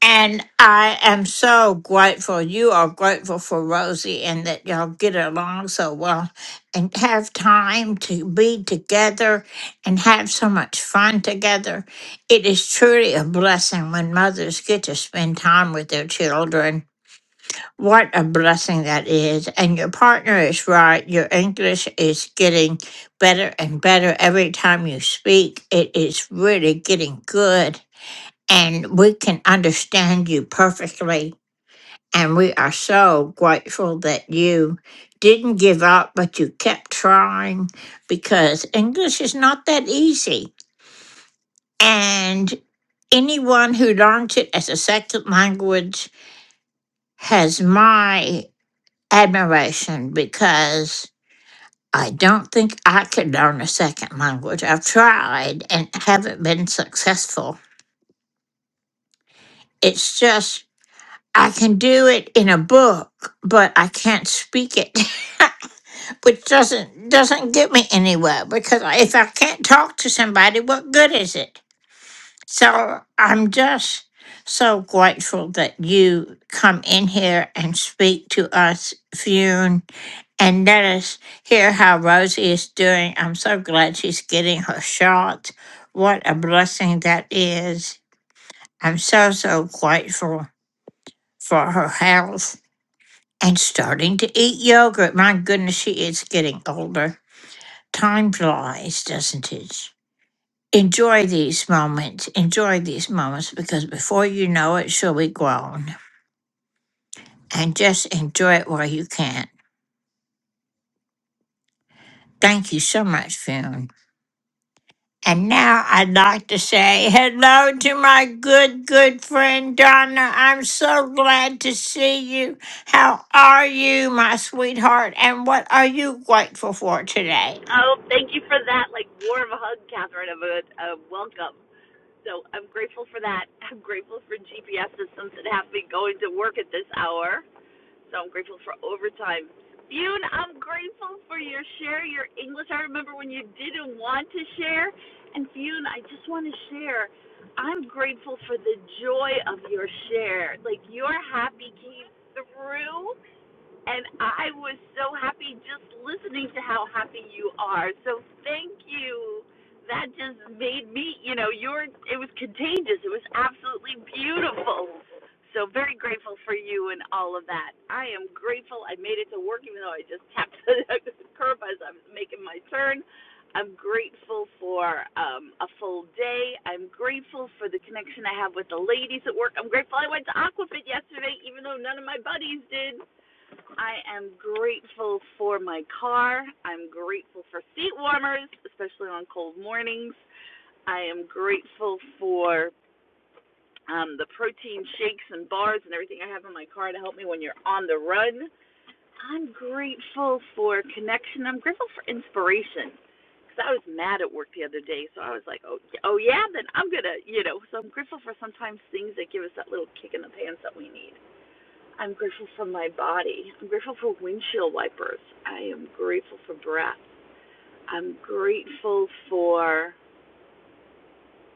A: And I am so grateful. You are grateful for Rosie and that y'all get along so well and have time to be together and have so much fun together. It is truly a blessing when mothers get to spend time with their children. What a blessing that is. And your partner is right. Your English is getting better and better every time you speak. It is really getting good and we can understand you perfectly. And we are so grateful that you didn't give up, but you kept trying because English is not that easy. And anyone who learns it as a second language has my admiration because I don't think I could learn a second language. I've tried and haven't been successful. It's just I can do it in a book, but I can't speak it, (laughs) which doesn't doesn't get me anywhere because I- if I can't talk to somebody, what good is it? So I'm just so grateful that you come in here and speak to us, Fune, and let us hear how Rosie is doing. I'm so glad she's getting her shot. What a blessing that is. I'm so, so grateful for her health and starting to eat yogurt. My goodness, she is getting older. Time flies, doesn't it? Enjoy these moments. Enjoy these moments because before you know it, she'll be grown. And just enjoy it while you can. Thank you so much, Fune. And now I'd like to say hello to my good, good friend Donna. I'm so glad to see you. How are you, my sweetheart? And what are you grateful for today?
Q: Oh, thank you for that, like warm hug, Catherine, of a, a welcome. So I'm grateful for that. I'm grateful for GPS systems that have me going to work at this hour. So I'm grateful for overtime. Bune, I'm grateful for your share, your English. I remember when you didn't want to share. And Bune, I just want to share. I'm grateful for the joy of your share. Like your happy came through and I was so happy just listening to how happy you are. So thank you. That just made me, you know, you're. it was contagious. It was absolutely beautiful. So very grateful for you and all of that. I am grateful I made it to work even though I just tapped (laughs) the curb as I was making my turn. I'm grateful for um, a full day. I'm grateful for the connection I have with the ladies at work. I'm grateful I went to Aquafit yesterday, even though none of my buddies did. I am grateful for my car. I'm grateful for seat warmers, especially on cold mornings. I am grateful for um, the protein shakes and bars and everything I have in my car to help me when you're on the run. I'm grateful for connection. I'm grateful for inspiration. Because I was mad at work the other day, so I was like, oh, yeah, oh yeah, then I'm gonna, you know. So I'm grateful for sometimes things that give us that little kick in the pants that we need. I'm grateful for my body. I'm grateful for windshield wipers. I am grateful for breath. I'm grateful for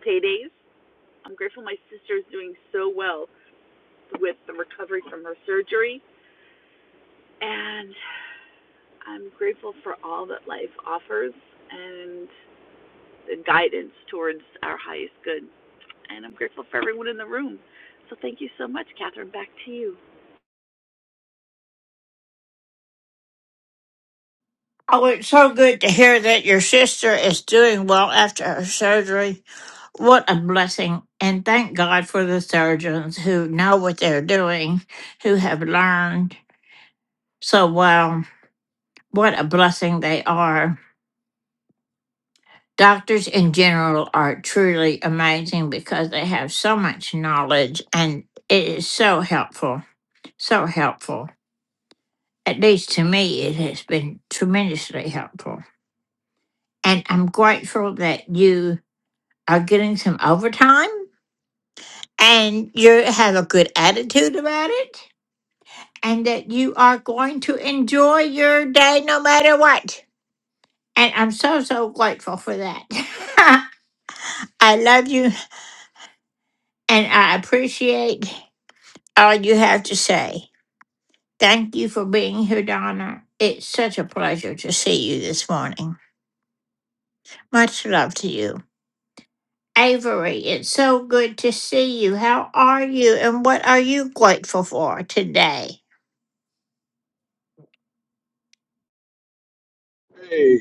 Q: paydays. I'm grateful my sister's doing so well with the recovery from her surgery. And I'm grateful for all that life offers and the guidance towards our highest good. And I'm grateful for everyone in the room. So thank you so much, Catherine. Back to you.
A: Oh, it's so good to hear that your sister is doing well after her surgery. What a blessing. And thank God for the surgeons who know what they're doing, who have learned so well. What a blessing they are. Doctors in general are truly amazing because they have so much knowledge and it is so helpful. So helpful. At least to me, it has been tremendously helpful. And I'm grateful that you are getting some overtime and you have a good attitude about it and that you are going to enjoy your day no matter what. And I'm so, so grateful for that. (laughs) I love you and I appreciate all you have to say. Thank you for being here, Donna. It's such a pleasure to see you this morning. Much love to you. Avery, it's so good to see you. How are you and what are you grateful for today?
R: Hey,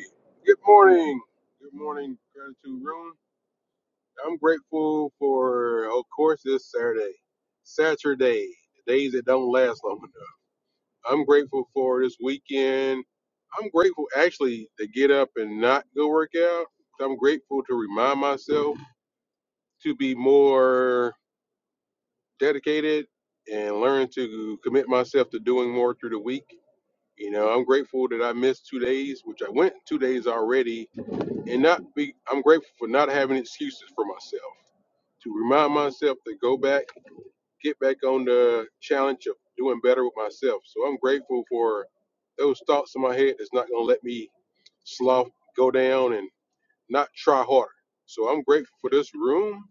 R: good morning. Good morning, gratitude room. I'm grateful for, of course, this Saturday, Saturday, the days that don't last long enough. I'm grateful for this weekend. I'm grateful actually to get up and not go work out. I'm grateful to remind myself to be more dedicated and learn to commit myself to doing more through the week. You know, I'm grateful that I missed two days, which I went two days already and not be I'm grateful for not having excuses for myself. To remind myself to go back, get back on the challenge of doing better with myself. So I'm grateful for those thoughts in my head that's not gonna let me slough go down and not try harder. So I'm grateful for this room.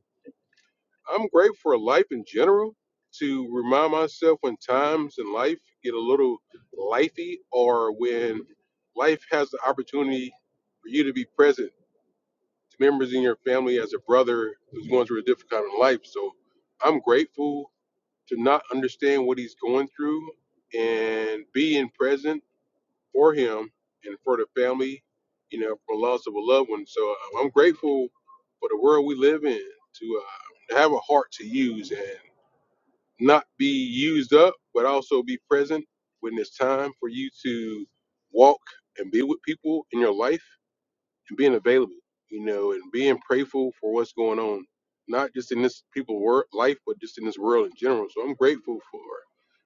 R: I'm grateful for life in general. To remind myself when times in life get a little lifey or when life has the opportunity for you to be present to members in your family as a brother who's going through a difficult time in life. So I'm grateful to not understand what he's going through and being present for him and for the family, you know, for loss of a loved one. So uh, I'm grateful for the world we live in to, uh, to have a heart to use and not be used up, but also be present when it's time for you to walk and be with people in your life and being available, you know, and being prayerful for what's going on, not just in this people's work life, but just in this world in general. So I'm grateful for,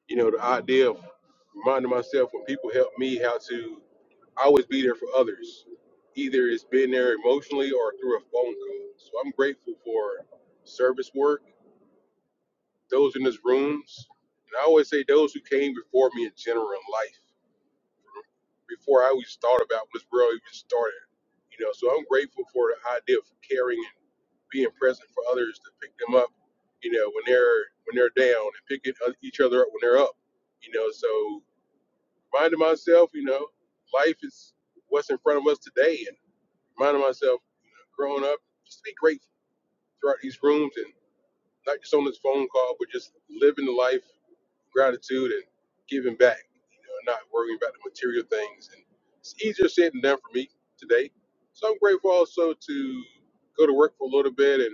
R: you know, the idea of reminding myself when people help me how to always be there for others. Either it's being there emotionally or through a phone call. So I'm grateful for service work, those in this rooms, and I always say those who came before me in general in life, before I always thought about when this world even started. You know, so I'm grateful for the idea of caring being present for others to pick them up, you know, when they're when they're down and picking each other up when they're up, you know. So reminding myself, you know, life is what's in front of us today, and reminding myself, growing up, just to be grateful throughout these rooms and not just on this phone call, but just living the life, gratitude, and giving back, you know, not worrying about the material things. And it's easier said than done for me today. So I'm grateful also to go to work for a little bit and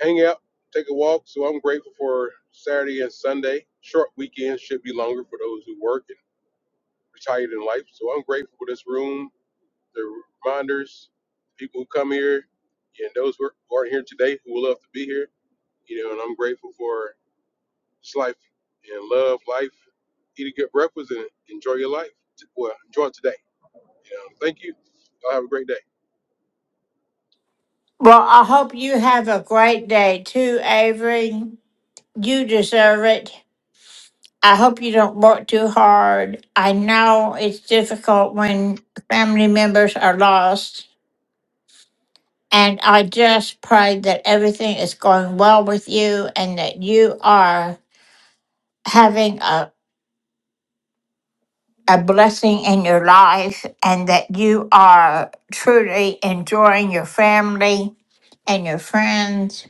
R: hang out, take a walk. So I'm grateful for Saturday and Sunday. Short weekends should be longer for those who work and retired in life. So I'm grateful for this room, the reminders, people who come here, and those who aren't here today who will love to be here. You know, and I'm grateful for this life and love life. Eat a good breakfast and enjoy your life. Well, enjoy today. You know, thank you. Y'all have a great day.
A: Well, I hope you have a great day too, Avery. You deserve it. I hope you don't work too hard. I know it's difficult when family members are lost. And I just pray that everything is going well with you and that you are having a, a blessing in your life and that you are truly enjoying your family and your friends.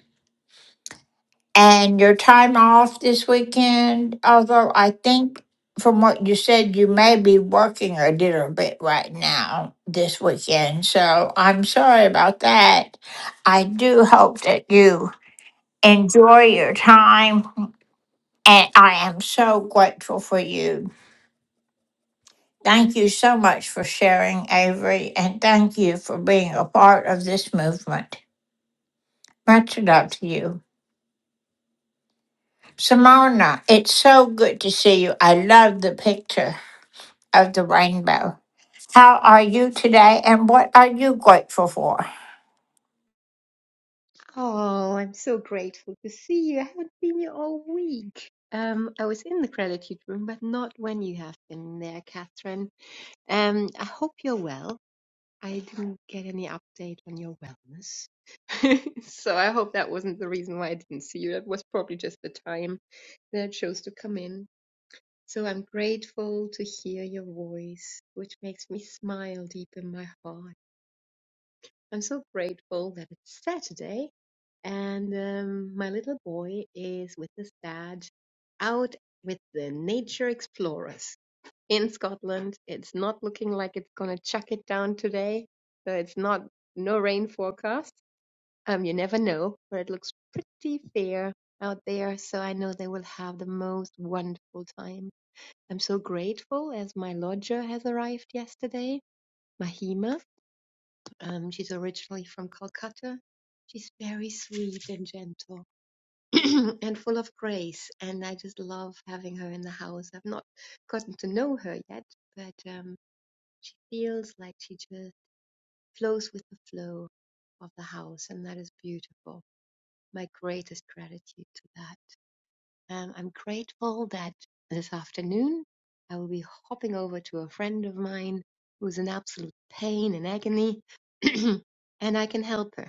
A: And your time off this weekend, although I think from what you said, you may be working a little bit right now this weekend. So I'm sorry about that. I do hope that you enjoy your time. And I am so grateful for you. Thank you so much for sharing, Avery. And thank you for being a part of this movement. Much love to you. Simona, it's so good to see you. I love the picture. of the rainbow. How are you today and what are you grateful for?
S: Oh, I'm so grateful to see you. I haven't seen you all week. Um, I was in the gratitude room, but not when you have been there, Catherine. Um, I hope you're well. I didn't get any update on your wellness. (laughs) so I hope that wasn't the reason why I didn't see you. That was probably just the time that I chose to come in. So I'm grateful to hear your voice, which makes me smile deep in my heart. I'm so grateful that it's Saturday and um, my little boy is with his dad out with the nature explorers in Scotland. It's not looking like it's going to chuck it down today. So it's not no rain forecast. Um, you never know, but it looks pretty fair out there. So I know they will have the most wonderful time. I'm so grateful as my lodger has arrived yesterday, Mahima. Um, she's originally from Calcutta. She's very sweet and gentle (clears throat) and full of grace. And I just love having her in the house. I've not gotten to know her yet, but um, she feels like she just flows with the flow of the house. And that is beautiful. My greatest gratitude to that. Um, I'm grateful that this afternoon I will be hopping over to a friend of mine who's in absolute pain and agony. (clears throat) and I can help her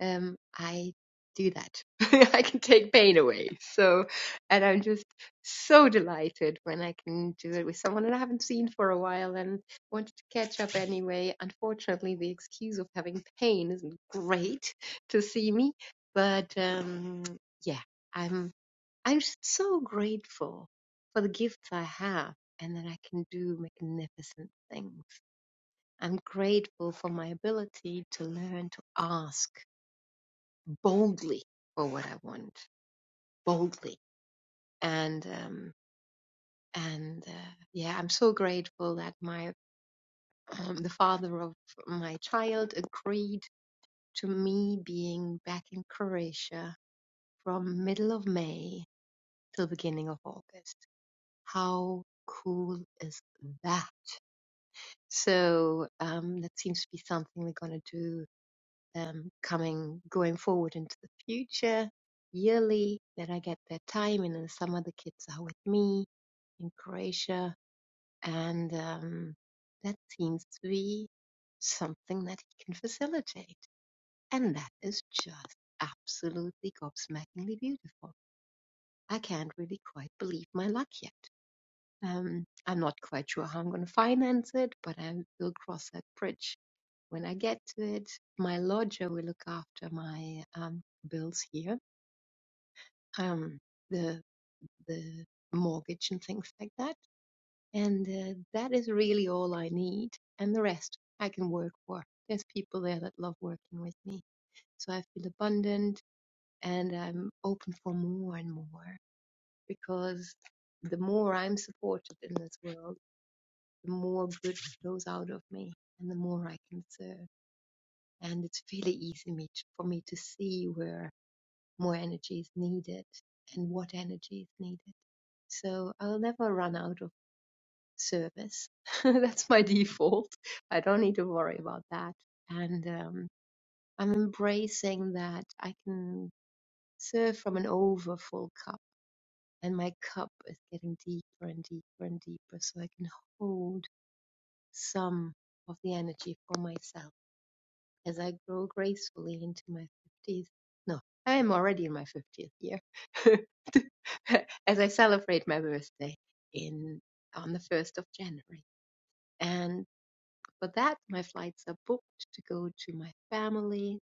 S: um, I do that. (laughs) I can take pain away. So, and I'm just so delighted when I can do it with someone that I haven't seen for a while and wanted to catch up anyway. Unfortunately, the excuse of having pain isn't great to see me, but um, yeah, I'm I'm just so grateful for the gifts I have and that I can do magnificent things. I'm grateful for my ability to learn to ask boldly for what I want, boldly. And um, and uh, yeah, I'm so grateful that my um, the father of my child agreed to me being back in Croatia from middle of May till beginning of August. How cool is that? So um, that seems to be something we're gonna do um, coming going forward into the future yearly that I get their time and then some of the kids are with me in Croatia and um, that seems to be something that he can facilitate and that is just absolutely gobsmackingly beautiful. I can't really quite believe my luck yet. Um, I'm not quite sure how I'm going to finance it, but I will cross that bridge when I get to it, my lodger will look after my um, bills here, um, the the mortgage and things like that. And uh, that is really all I need, and the rest I can work for. There's people there that love working with me, so I feel abundant and I'm open for more and more because the more I'm supported in this world, the more good flows out of me, and the more I can serve. And it's really easy me to, for me to see where more energy is needed and what energy is needed. So I'll never run out of service. (laughs) That's my default. I don't need to worry about that. And um, I'm embracing that I can serve from an overfull cup, and my cup is getting deeper and deeper and deeper, so I can hold some of the energy for myself as I grow gracefully into my 50s. No, I am already in my 50th year. (laughs) (laughs) as I celebrate my birthday in on the first of January. And for that, my flights are booked to go to my family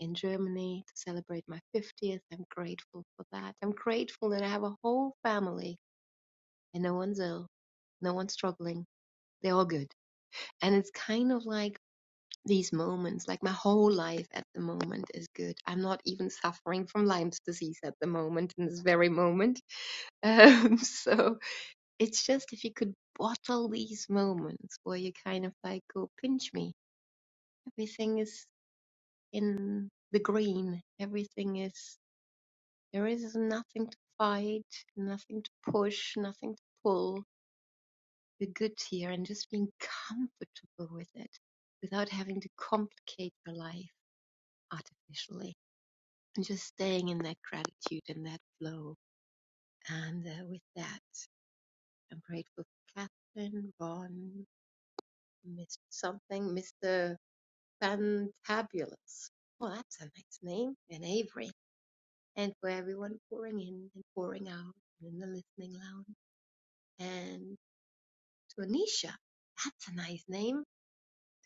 S: in Germany to celebrate my 50th. I'm grateful for that. I'm grateful that I have a whole family and no one's ill, no one's struggling. They're all good. And it's kind of like these moments, like my whole life at the moment is good. I'm not even suffering from Lyme's disease at the moment, in this very moment. (laughs) Um, so It's just if you could bottle these moments where you kind of like go pinch me, everything is in the green. Everything is there is nothing to fight, nothing to push, nothing to pull. You're good here and just being comfortable with it without having to complicate your life artificially and just staying in that gratitude and that flow. And uh, with that, I'm grateful for Catherine, Ron, Mr. Something, Mr. Fantabulous. Well, that's a nice name. And Avery. And for everyone pouring in and pouring out and in the listening lounge. And to Anisha. That's a nice name.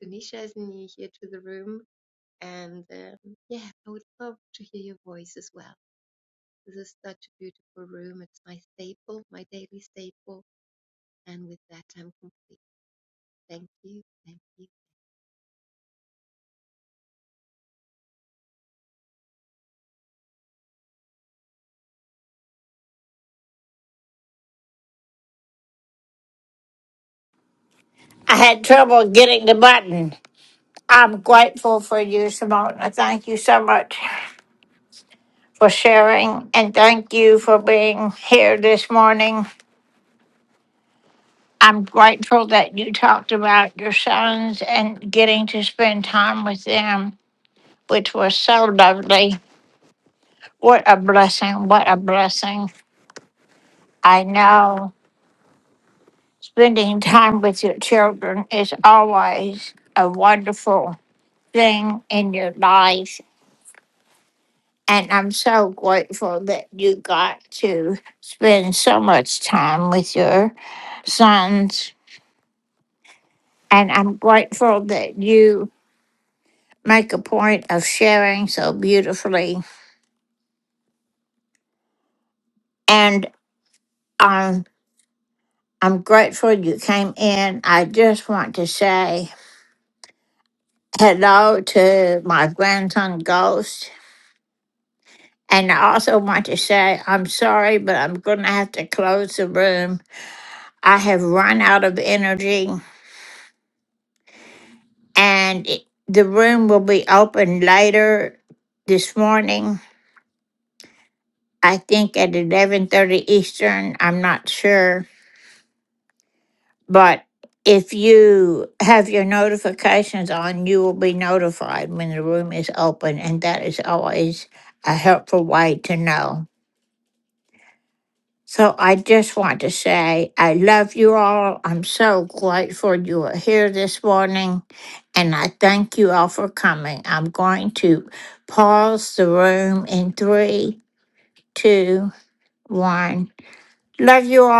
S: Tanisha is new here to the room. And um, yeah, I would love to hear your voice as well. This is such a beautiful room. It's my staple, my daily staple. And with that, I'm complete. Thank you. Thank you.
A: I had trouble getting the button. I'm grateful for you, Simona. Thank you so much for sharing and thank you for being here this morning. I'm grateful that you talked about your sons and getting to spend time with them, which was so lovely. What a blessing. What a blessing. I know spending time with your children is always a wonderful thing in your life. And I'm so grateful that you got to spend so much time with your sons. And I'm grateful that you make a point of sharing so beautifully. And um, I'm grateful you came in. I just want to say, hello to my grandson Ghost. And I also want to say, I'm sorry, but I'm going to have to close the room. I have run out of energy, and it- the room will be open later this morning. I think at 11:30 Eastern. I'm not sure, but if you have your notifications on, you will be notified when the room is open, and that is always a helpful way to know. So I just want to say I love you all. I'm so grateful you were here this morning. And I thank you all for coming. I'm going to pause the room in three, two, one. Love you all.